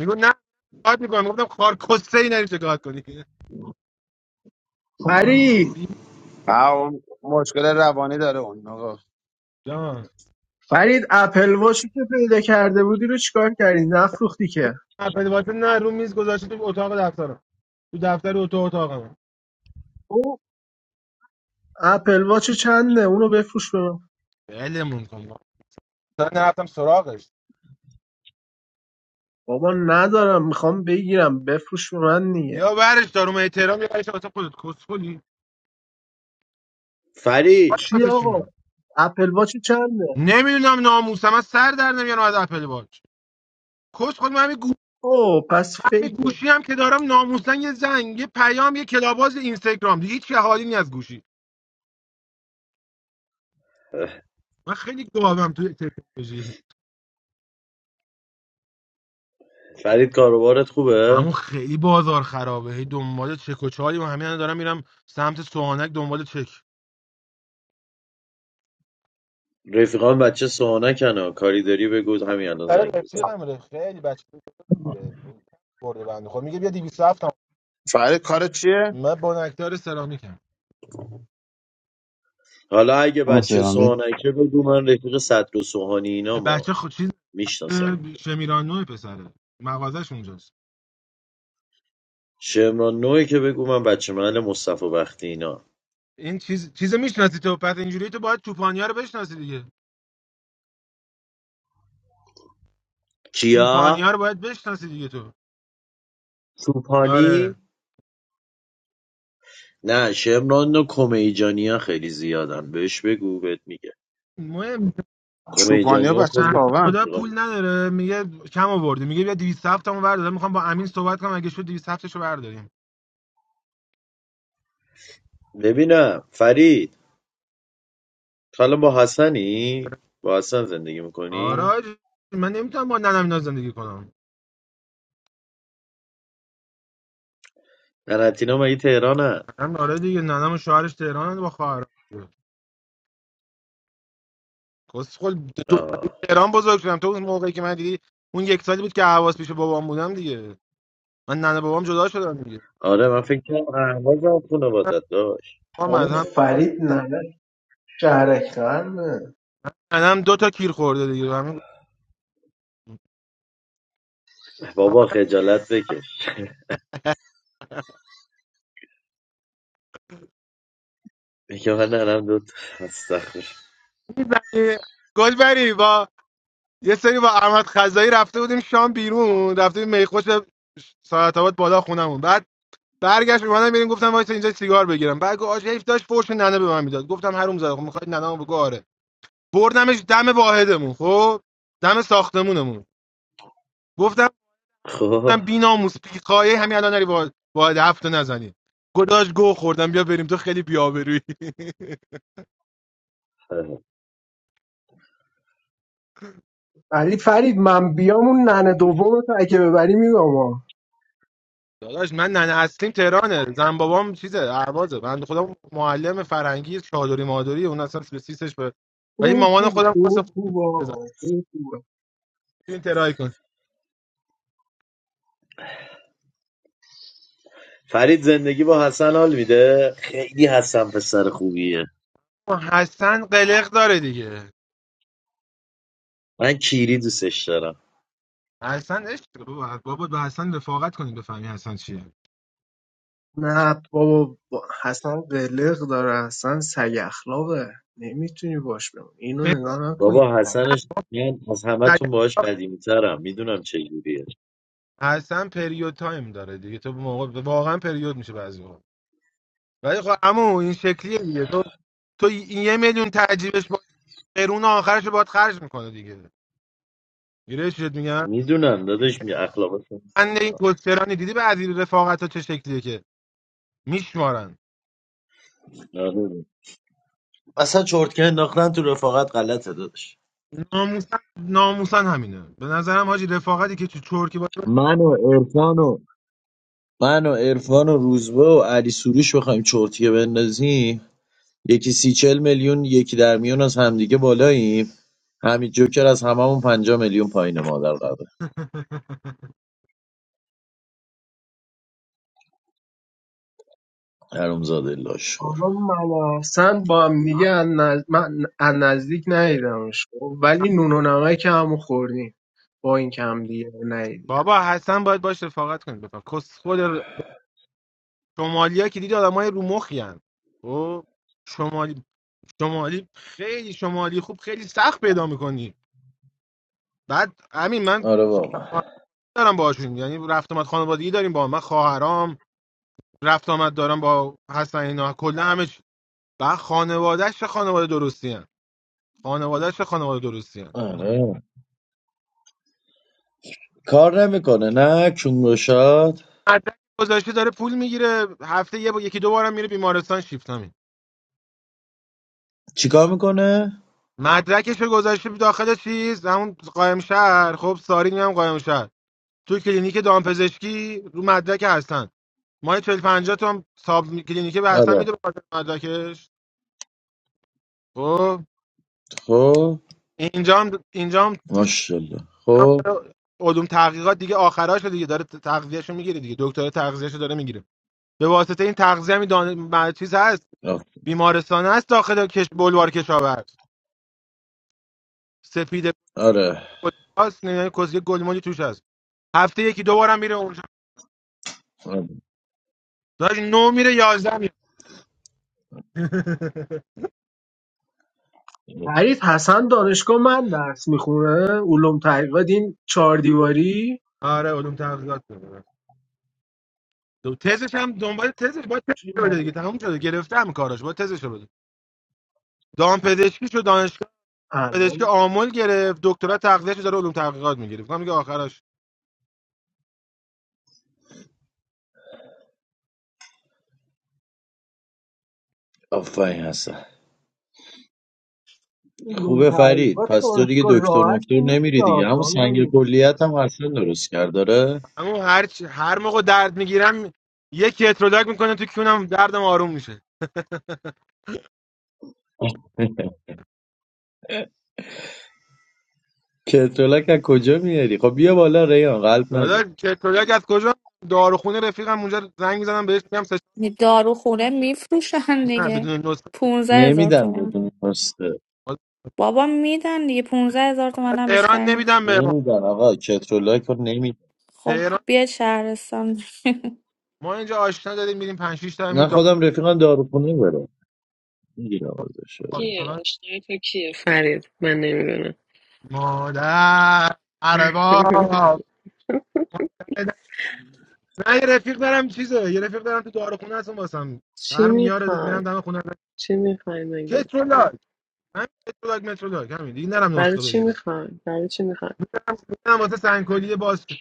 S8: میگه نه شکایت میکنم گفتم کارکسته ای نری شکایت کنی
S3: فرید
S8: بی
S1: آه، اون مشکل روانی داره اون آقا
S8: جان
S3: فرید اپل واچی که پیدا کرده بودی رو چیکار کردی نفروختی که
S8: اپل واچ نه رو میز گذاشته تو اتاق دفترم تو دفتر و تو اتاقمه
S3: او اپل واچ چنده اونو بفروش به من
S8: علمون کن بابا. مثلا نرفتم سراغش
S3: بابا ندارم میخوام بگیرم بفروش به من نیه
S8: یا برش داروم احترام یا برش واسه خودت کسخلی
S4: فرید
S3: چی
S8: واسه چی
S3: آقا
S8: من
S3: اپل واچ چنده
S8: نمیدونم ناموسم از سر در نمیارم از اپل واچ کس خود من همین گو...
S3: او پس
S8: من همین
S3: فیکه
S8: گوشی هم که دارم ناموسن یه زنگ یه پیام یه کلاباز اینستاگرام دیگه هیچ حالی نی از گوشی من خیلی گاوم تو تکنولوژی
S4: فرید کاروبارت خوبه
S8: اما خیلی بازار خرابه هی دنبال چک و چالی و همین الان دارم میرم سمت سوانک دنبال چک
S4: رفیقان بچه سوانکن ها کاری داری بگو همین الان
S8: سر
S4: زنگ بزنم
S8: رفیقم ره خیلی بچه برده بنده خب میگه بیا 207 هم
S1: فری کار چیه؟
S8: من با نکتار سرامیکم
S4: حالا اگه
S1: اون
S4: بچه
S1: سرامی
S4: سوانکه بگو من رفیق صدر و سوهانی اینا ما
S8: بچه خود چیز
S4: میشناسم اینجا
S8: شمیران نوع پسره مغازش اونجاست
S4: شمران نوعی که بگو من بچه محل مصطفی بختی اینا
S8: این چیز چیز میشناسی تو پس اینجوری تو باید چوپانیا رو بشناسی دیگه
S4: کیا؟
S8: چوپانیا رو باید بشناسی دیگه تو آره
S4: سوپانی نه شمران و کمیجانی ها خیلی زیادن بهش بگو بهت میگه
S8: مهم
S1: چوپانی
S4: کمیجانی
S1: ها
S4: ها
S8: بنده
S4: کلی
S1: بچه
S8: خدا
S4: رفیقان
S8: پول نداره میگه کم آوردی میگه بیا 207 همو بردار میخوام با امین صحبت کنم اگه شد 207 شو برداریم
S4: ببینم فرید حالا با حسنی؟ با حسن زندگی
S8: آره
S4: میکنی؟
S8: حاجی. من نمیتونم با ننم اینا زندگی کنم
S4: ننتینا مگه تهرانه؟
S8: من آره دیگه ننم و شوهرش تهران با خواهر کسخل دو
S4: آه.
S8: سالی تهران بزرگ شدم تو اون موقعی که من دیدی اون یک سالی بود که حواس پیش بابام بودم دیگه من ننه بابام جدا شدن دیگه
S4: آره من فکر کنم اهواز هم خونه بادت داشت
S8: بابام از
S3: آقا
S8: هم
S3: فرید ننه شهرک خرمه
S8: ننم دو تا کیر خورده دیگه همین
S4: بابا خجالت بکش میگه من نرم دوت استخر
S8: گل بری با یه سری با احمد خزایی رفته بودیم شام بیرون رفته بودیم میخوش ساعت آباد بالا خونمون بعد برگشت اومدم میریم گفتم وایس اینجا سیگار بگیرم بعد گفت آجیف داشت فرش ننه به من میداد گفتم هروم زاده خب میخواد ننه بگو آره بردمش دم واحدمون خب دم ساختمونمون
S4: خب
S8: بی ناموس بی قایه همین الان نری با با هفت رو نزنی گداش گو خوردم بیا بریم تو خیلی بی آبرویی *laughs*
S3: علی فرید من بیام اون ننه دوم تو اگه ببری میگم آقا.
S8: داداش من ننه اصلیم تهرانه زن بابام چیزه اهوازه بنده خودم معلم فرهنگی چادری مادری اون اصلا به سیستش به ولی
S3: او
S8: مامان
S3: خوب
S8: خودم واسه
S3: او
S8: خود
S3: خوب
S8: بزن
S3: آقا او خوبه
S8: تو این ترای کن
S4: فرید زندگی با حسن حال میده خیلی حسن پسر خوبیه
S8: حسن قلق داره دیگه
S4: من کیری دوستش دارم
S8: حسن عشق داره بابا بابا به حسن رفاقت کنید بفهمی حسن چیه
S3: نه بابا با- حسن قلق داره حسن سگ اخلاقه نمیتونی باش بمون اینو نگاه نکنین
S4: بابا حسنش من از همه تون باش قدیمی ترم میدونم چجوریه
S8: حسن پریود تایم داره دیگه تو موقع واقعا پریود میشه بعضی ولی خب عمو این شکلیه دیگه تو تو این یه میلیون تعجیبش با قرون آخرش باید خرج میکنه دیگه گیرش شد میگن
S4: میدونم دادش می اخلاقتون
S8: من این گسترانی دیدی به عزیز رفاقت ها چه شکلیه که میشمارن
S4: آره. اصلا چرتکه انداختن تو رفاقت غلطه دادش
S8: ناموسن ناموسن همینه به نظرم حاجی رفاقتی که چه چورکی باید
S4: من و عرفان و من و عرفان و روزبه و علی سروش بخوایم چرتیه بندازیم یکی سی چل میلیون یکی در میون از همدیگه بالاییم همین جوکر از هممون پنجا میلیون پایین مادر قبل
S8: *laughs*
S4: حرومزاده
S3: آقا
S4: لاشخور
S3: من حسن با هم دیگه از نز- من از نزدیک ندیدمش خب، ولی نون و نمک همو خوردیم با این که هم دیگه رو ندیدیم
S8: بابا حسن باید باش رفاقت کنید بفهم کس خود ر- شمالی ها که دیدی آدم های رو مخی هن. خب شمالی شمالی خیلی شمالی خوب خیلی سخت پیدا میکنی بعد همین من
S4: آره واقعا
S8: دارم باهاشون یعنی رفت آمد خانوادگی داریم با هم. من خواهرام رفت آمد دارم با حسن اینا کلا همه چی و خانوادهش چه خانواده درستی هم. خانوادهش چه خانواده درستی هم.
S4: آره کار نمیکنه نه کونگوشاد
S8: مدرک گذاشته داره پول میگیره هفته یه با... یکی دو بارم میره بیمارستان شیفت همین
S4: چیکار میکنه
S8: مدرکش رو گذاشته داخل چیز همون قایم شهر خب سارین هم قایم شهر تو کلینیک دامپزشکی رو مدرک هستن ما 40 50 تا هم ساب کلینیک به هستن
S4: آره
S8: میده به خاطر مدرکش خب
S4: خب
S8: اینجا هم اینجا هم
S4: ماشاءالله خب
S8: علوم تحقیقات دیگه آخراش دیگه داره تغذیهشو میگیره دیگه دکتر تغذیهشو داره میگیره به واسطه این تغذیه می دان... م- چیز هست
S4: آه.
S8: بیمارستان هست داخل کش بلوار کشاورز سپید
S4: آره
S8: پلاس نه کوزه گلمولی توش هست هفته یکی دو بارم میره اونجا داش نو میره 11 میره *laughs*
S3: حریف حسن دانشگاه من درس میخونه علوم تحقیقات این چهار دیواری
S8: آره علوم تحقیقات داره. دو تزش هم دنبال تزش با تزش
S3: چی من
S8: بده دیگه تموم شده گرفتم کاراش با تزش بده دام پزشکی شو دانشگاه پزشکی
S3: الان
S8: آمل گرفت دکترا تغذیهشو داره علوم تحقیقات میگیره میگم میگه آخرش
S4: آفاین هستن
S3: علوم
S4: خوبه فرید
S3: تحقیقات
S4: پس تو دیگه
S3: دانشگاه
S4: دکتر
S3: راحتی
S4: مکتر
S3: نیست
S4: نمیری دیگه
S3: آه،
S4: همون
S3: جان
S4: سنگ
S3: امیر.
S4: کلیت هم اصلا درست کرد داره
S8: اما هر چی هر موقع درد میگیرم یه کتروداک میکنه تو کونم دردم آروم میشه
S4: کتولک از کجا میاری خب بیا بالا ریان قلب نزن
S8: دادا کتروداک از کجا داروخونه رفیقم اونجا زنگ میزنم بهش میگم سه
S6: دارو خونه میفروشن
S8: نه
S6: دیگه
S8: بدون نسخه
S6: پونزه
S4: نمیدن
S6: هزار
S4: بدون پسته
S8: حالا
S6: بابا میدن دیگه ۱۵ هزار تومن هم
S8: تهران
S6: بیشتر نیست
S8: نمیدم به ما
S4: نمیدن آقا کترولک رو نمیدن
S6: خب
S8: تهران
S6: بیاید شهرستان
S8: ما اینجا آشنا داریم میریم 5 6 تا همین
S4: نه
S8: دارو
S4: خودم رفیقم داروخونه بره میگیرم ازش
S9: کیه
S8: پاسداران.
S9: آشنای تو کیه فرید من نمیدونم
S8: مادر
S9: *laughs*
S8: ارباب نه یه رفیق دارم چیزه یه رفیق دارم تو داروخونه هستم واسم
S9: چی
S8: هر میاره
S9: میخوای
S8: میرم دم خونه
S9: چی میخوای مگه
S8: کتروداک همین کتروداک متروداک همین دیگه نرم
S9: برای
S8: نسخه
S9: چی
S8: بگیرم
S9: میخوای برای چی میخوای
S8: میدم واسه سنگکلی باز شد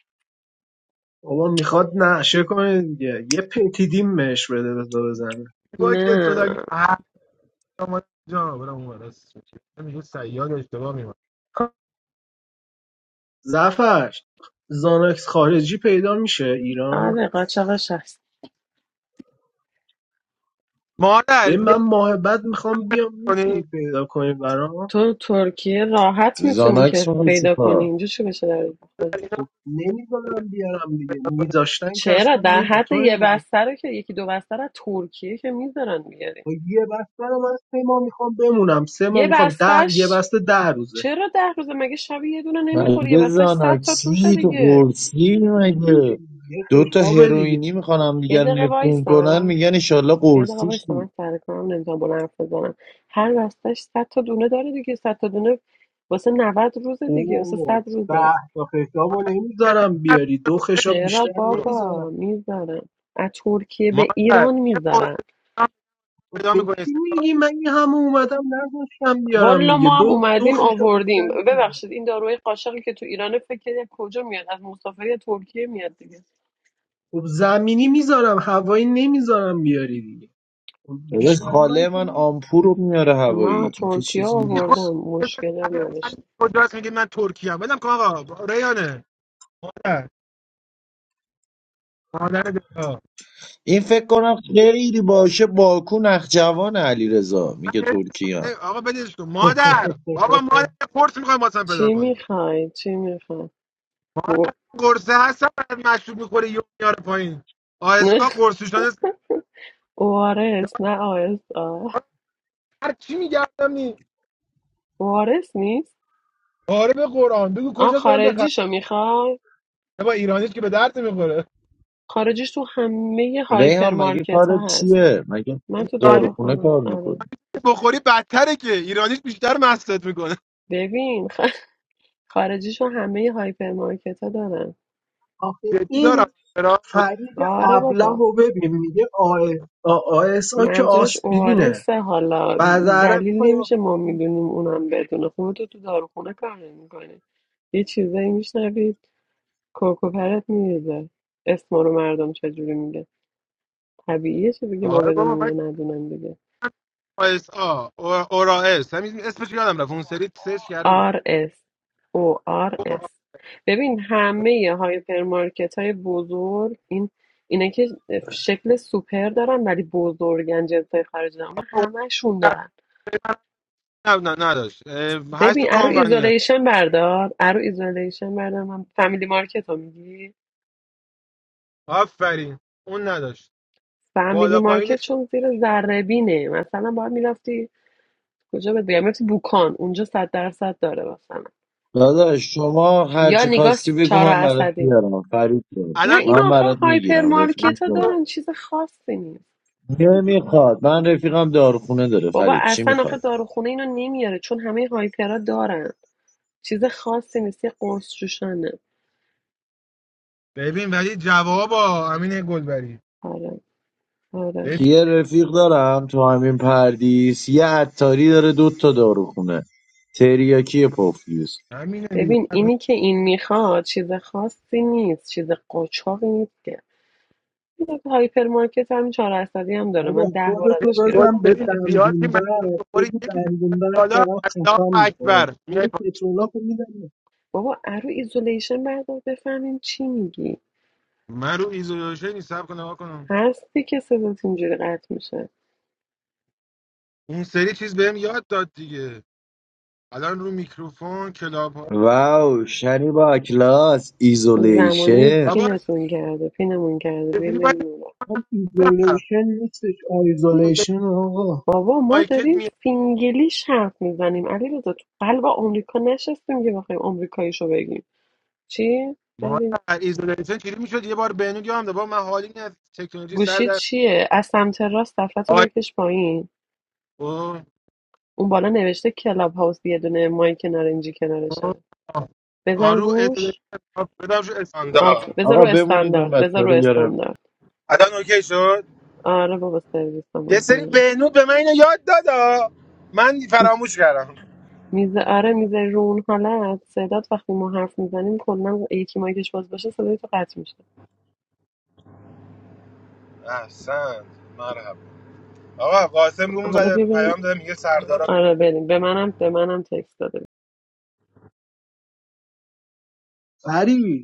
S3: بابا میخواد نشه کنه دیگه یه پتیدیم بهش بده بذار بزنه
S8: با که رو
S9: نه
S8: داری آمد جان برم اون ور. راست میگه سیاد اشتباه میمونه
S9: خب،
S3: زفر زانکس خارجی پیدا میشه ایران
S9: آره قاچاقش هست
S8: مادر
S3: به من
S8: یه
S3: ماه بعد میخوام بیام میتونی
S8: کنی
S3: پیدا کنی برام
S9: تو ترکیه راحت میتونی
S4: زاناکس
S9: که
S4: رو
S9: پیدا کنی
S4: چیکار
S9: اینجا چی بشه در خود
S3: نمیذارم بیارم دیگه میذاشتن که
S9: چرا
S3: اصلا
S9: در
S3: نی به
S9: حد
S3: تو
S9: یه
S3: نمی‌گفتم.
S9: بسته رو که یکی دو بسته رو از ترکیه که میذارن میگیری
S3: خب یه بسته رو من سه ماه میخوام بمونم سه ماه
S9: یه
S3: میخوام ده یه
S9: بستش
S3: بسته ده روزه
S9: چرا ده روزه مگه شبیه یه دونه نمیخوری یه
S4: مگه
S9: بستش صد تا توشه
S4: زاناکسی تو
S9: دیگه
S4: قرصی
S3: یه
S4: مگه
S3: یه
S4: دوتا تا
S3: خشاب دیگه
S4: هروئینی میخوان هم
S9: یه
S4: دیگر
S9: دقیقه
S4: نفرون
S9: وایسا
S4: کنن میگن ایشالله
S9: یه دقیقه
S4: قرصی
S9: وایسا
S4: شی
S9: من سر کنم نمیتونم بلند حرف بزنم هر بستش صد تا دونه داره دیگه صد تا دونه واسه 90 روزه دیگه واسه
S3: اوه
S9: صد روزه
S3: ده تا خشاب رو
S8: مادر بهتر
S3: نمیذارم بیاری دو
S8: نبود که کنی
S3: خشاب
S9: چرا
S3: بیشتر
S8: برو
S9: بابا
S3: نمیذارم
S9: میذارم از ترکیه به
S8: مادر
S9: ایران
S8: یه فرصه
S9: میذارم
S8: دیگه هم
S3: خب
S8: پیدا
S3: به
S8: میکنی
S3: کی
S8: استقلال
S3: میگی من این همه اومدم نذاشتم بیارم
S9: والا
S3: دیگه
S9: ما هم
S3: دو دو
S9: اومدیم
S3: خشاب بیشتر
S9: آوردیم
S3: نمیذارم
S9: ببخشید این داروی قاچاقی که تو ایران فکر کجا میاد از مسافری ترکیه میاد دیگه
S3: خب زمینی میذارم هوایی نمیذارم بیاری دیگه خب
S4: داداش
S3: بیشتر من
S4: خاله
S3: که
S4: من آمپور رو میاره
S9: ما
S4: هوایی این که
S9: ترکیه
S4: چیزی
S8: میخواد
S9: آوردم
S4: نیست
S9: مشکلی هم
S8: من
S9: نداشتم
S8: کجاست میگه من ترکی ام بدم کن آقا ریانه مادر مادر دلا
S4: این فکر کنم خیلی باشه باکو نخجوان علی رضا
S8: من
S4: میگه
S8: حس
S4: ترکیه
S8: می‌کنم- آقا بدیش کن مادر بابا
S3: *laughs*
S8: مادر یه فرصه میخوایم واسم پیدا
S9: چی
S8: کنی
S9: میخوای چی میخوای *laughs*
S8: مامان
S9: او...
S8: قرصه هستم بعد مشروب میخوره یه میاره پایین آس
S9: نه
S8: آ قرصش نیست
S9: ORS *laughs* نه آ آس آ
S8: هر چی میگردم نی
S9: ORS نیست
S8: آره به قرآن بگو
S9: آن
S8: کجاست برم بخرم
S9: خارجیشو میخوای؟
S8: با ایرانیش که به درد میخوره.
S9: خارجیش تو همه
S4: ریحان مگه
S9: هایپرمارکت
S4: کارت
S9: ها هست
S4: چیه مگه
S9: من تو
S8: ایرانی
S4: داروخونه
S9: داروخانه
S4: کار
S9: آره
S4: میکنی
S8: بخوری بدتره که ایرانیش بیشتر مستت میکنه
S9: ببین خ... خارجیشو همه هایپرمارکت ها دارن
S3: آخه
S8: جدی
S3: این
S8: دارم چرا؟ مت-
S3: فرید
S9: آره
S3: ابله
S9: بابا
S3: رو ببین میگه آسا که
S9: منظورش
S3: آسپرینه
S9: اوارسه حالا
S3: بعد عرب
S9: دلیل
S3: میخوای
S9: نمیشه ما
S3: آسپرین
S9: میدونیم اونم بدونه خب تو تو داروخونه کار نمیکنه یه چیزایی میشنوید کوکو پرت میریزه اسما رو مردم چجوری میگه طبیعیه چه دیگه ما
S8: آره بابا
S9: بدونیم
S8: من
S9: اینو ندونن دیگه
S8: آس آ اورا اس همین اسمش یادم رفت اون سری سرچ کرده بود
S9: آر اس او آر اس ببین همه هایپرمارکت های بزرگ این اینه که شکل سوپر دارن ولی بزرگن جنسای خارج اما همشون دارن
S8: نه نه نداشت اه، هست
S9: ببین
S8: تو
S9: ارو
S8: کامرانیه
S9: ایزولیشن بردار ارو ایزولیشن بردار من فامیلی مارکت رو میگی
S8: آفرین اون نداشت
S9: فامیلی
S8: بالا
S9: مارکت
S8: پایینش
S9: چون زیر ذره بینه مثلا باید میرفتی کجا بهت بگم میرفتی بوکان اونجا صد درصد داره مثلا
S4: داداش شما
S9: یا
S4: هرچی
S9: نگاه
S4: خواستی بگو
S9: چهار
S4: من برات
S9: عصبی
S4: میارم فرید داره
S9: نه
S8: الان
S9: این
S4: من
S9: آخه
S4: برات
S9: هایپر
S4: میگیرم رفیق
S9: مارکت ها
S4: داره.
S8: من
S9: دارن چیز خاصی نیست
S4: نمیخواد من رفیقم داروخونه داره
S9: بابا
S4: فرید چی
S9: اصلا
S4: میخواد
S9: آخه داروخونه اینو نمیاره چون همه هایپرها دارن چیز خاصی نیست یه قرص جوشانه
S8: ببین ولی جوابا امین گلبری
S9: آره آره
S8: ببین
S4: یه رفیق دارم تو همین پردیس یه عطاری داره دوتا تا داروخونه تریاکی پفیوز
S8: همینه دیگه
S9: ببین اینی که این میخواد چیز خاصی نیست چیز قاچاقی نیست که این که هایپر مارکت همین چهار درصدی هم داره
S3: بابا
S9: من ده بار
S3: خودتو
S9: ازش
S8: گل
S3: بزن
S9: گرفتم
S3: به
S9: واسه
S8: ببین
S9: رفیقم
S8: زیاد که
S3: دندوندر
S8: مصرف بخوری
S3: بگو
S8: یکی
S3: دندوندر
S8: بالا
S3: دارم
S8: الله
S3: خفم میکنه
S8: اکبر میای
S3: برو
S8: پایین
S3: پترولا رو میدم
S9: بابا ارو ایزولیشن بردار بفهمیم چی میگی
S8: من رو ایزولیشن حساب کنم نگاه کنم
S9: هستی که صدات اینجوری قطع میشه
S8: اون سری چیز بهم یاد داد دیگه الان رو میکروفون کلاب ها
S4: واو شنی با کلاس
S9: زمانه
S4: ایزولیشن
S8: بابا
S9: پینتون کرده پینمون کرده
S8: چجوری باید
S9: بیرون
S3: هم
S8: برم
S3: ایزولیشن نیستش
S8: اون سری
S3: آیزولیشن آقا
S9: بابا ما
S8: مایکت
S9: داریم
S8: می
S9: فینگلیش حرف میزنیم علی رضا تو قلب آمریکا نشستیم که بخوایم آمریکاییشو بگیم چی؟
S8: ما
S9: بگیم.
S8: در ایزولیشن چجوری میشد یه بار بهنود یادم داد بابا من حالی از تکنولوژی سر
S9: گوشی
S8: در
S9: چیه؟ از سمت راست دفتو
S8: آی
S9: بکش پایین
S8: او
S9: اون بالا نوشته کلاب هاوس یه دونه مایک نارنجی
S8: او
S9: کنارشه بزن
S8: آرو
S9: روش
S8: ایزولیشن بدم شو استاندارد
S9: آف. بذار رو
S4: آقا بمونید من
S9: استاندارد
S4: بچه
S9: بذار رو
S4: رو بیارم
S9: استاندارد
S8: الان اوکی شد
S9: آره بابا
S8: یه سری
S9: سرویسمون
S8: بهنود به من اینو یاد دادا من فراموش کردم
S9: میز آره میز رو اون حالت صدات وقتی ما حرف میزنیم کلا یکی مایکش باز باشه صدای تو قطع میشه
S8: احسن مرحبا آقا قاسم روم
S9: حالا
S8: زده
S9: ببینیم
S8: پیام داده میگه سردار.
S9: آره بریم به منم به منم تکست داده
S3: فرید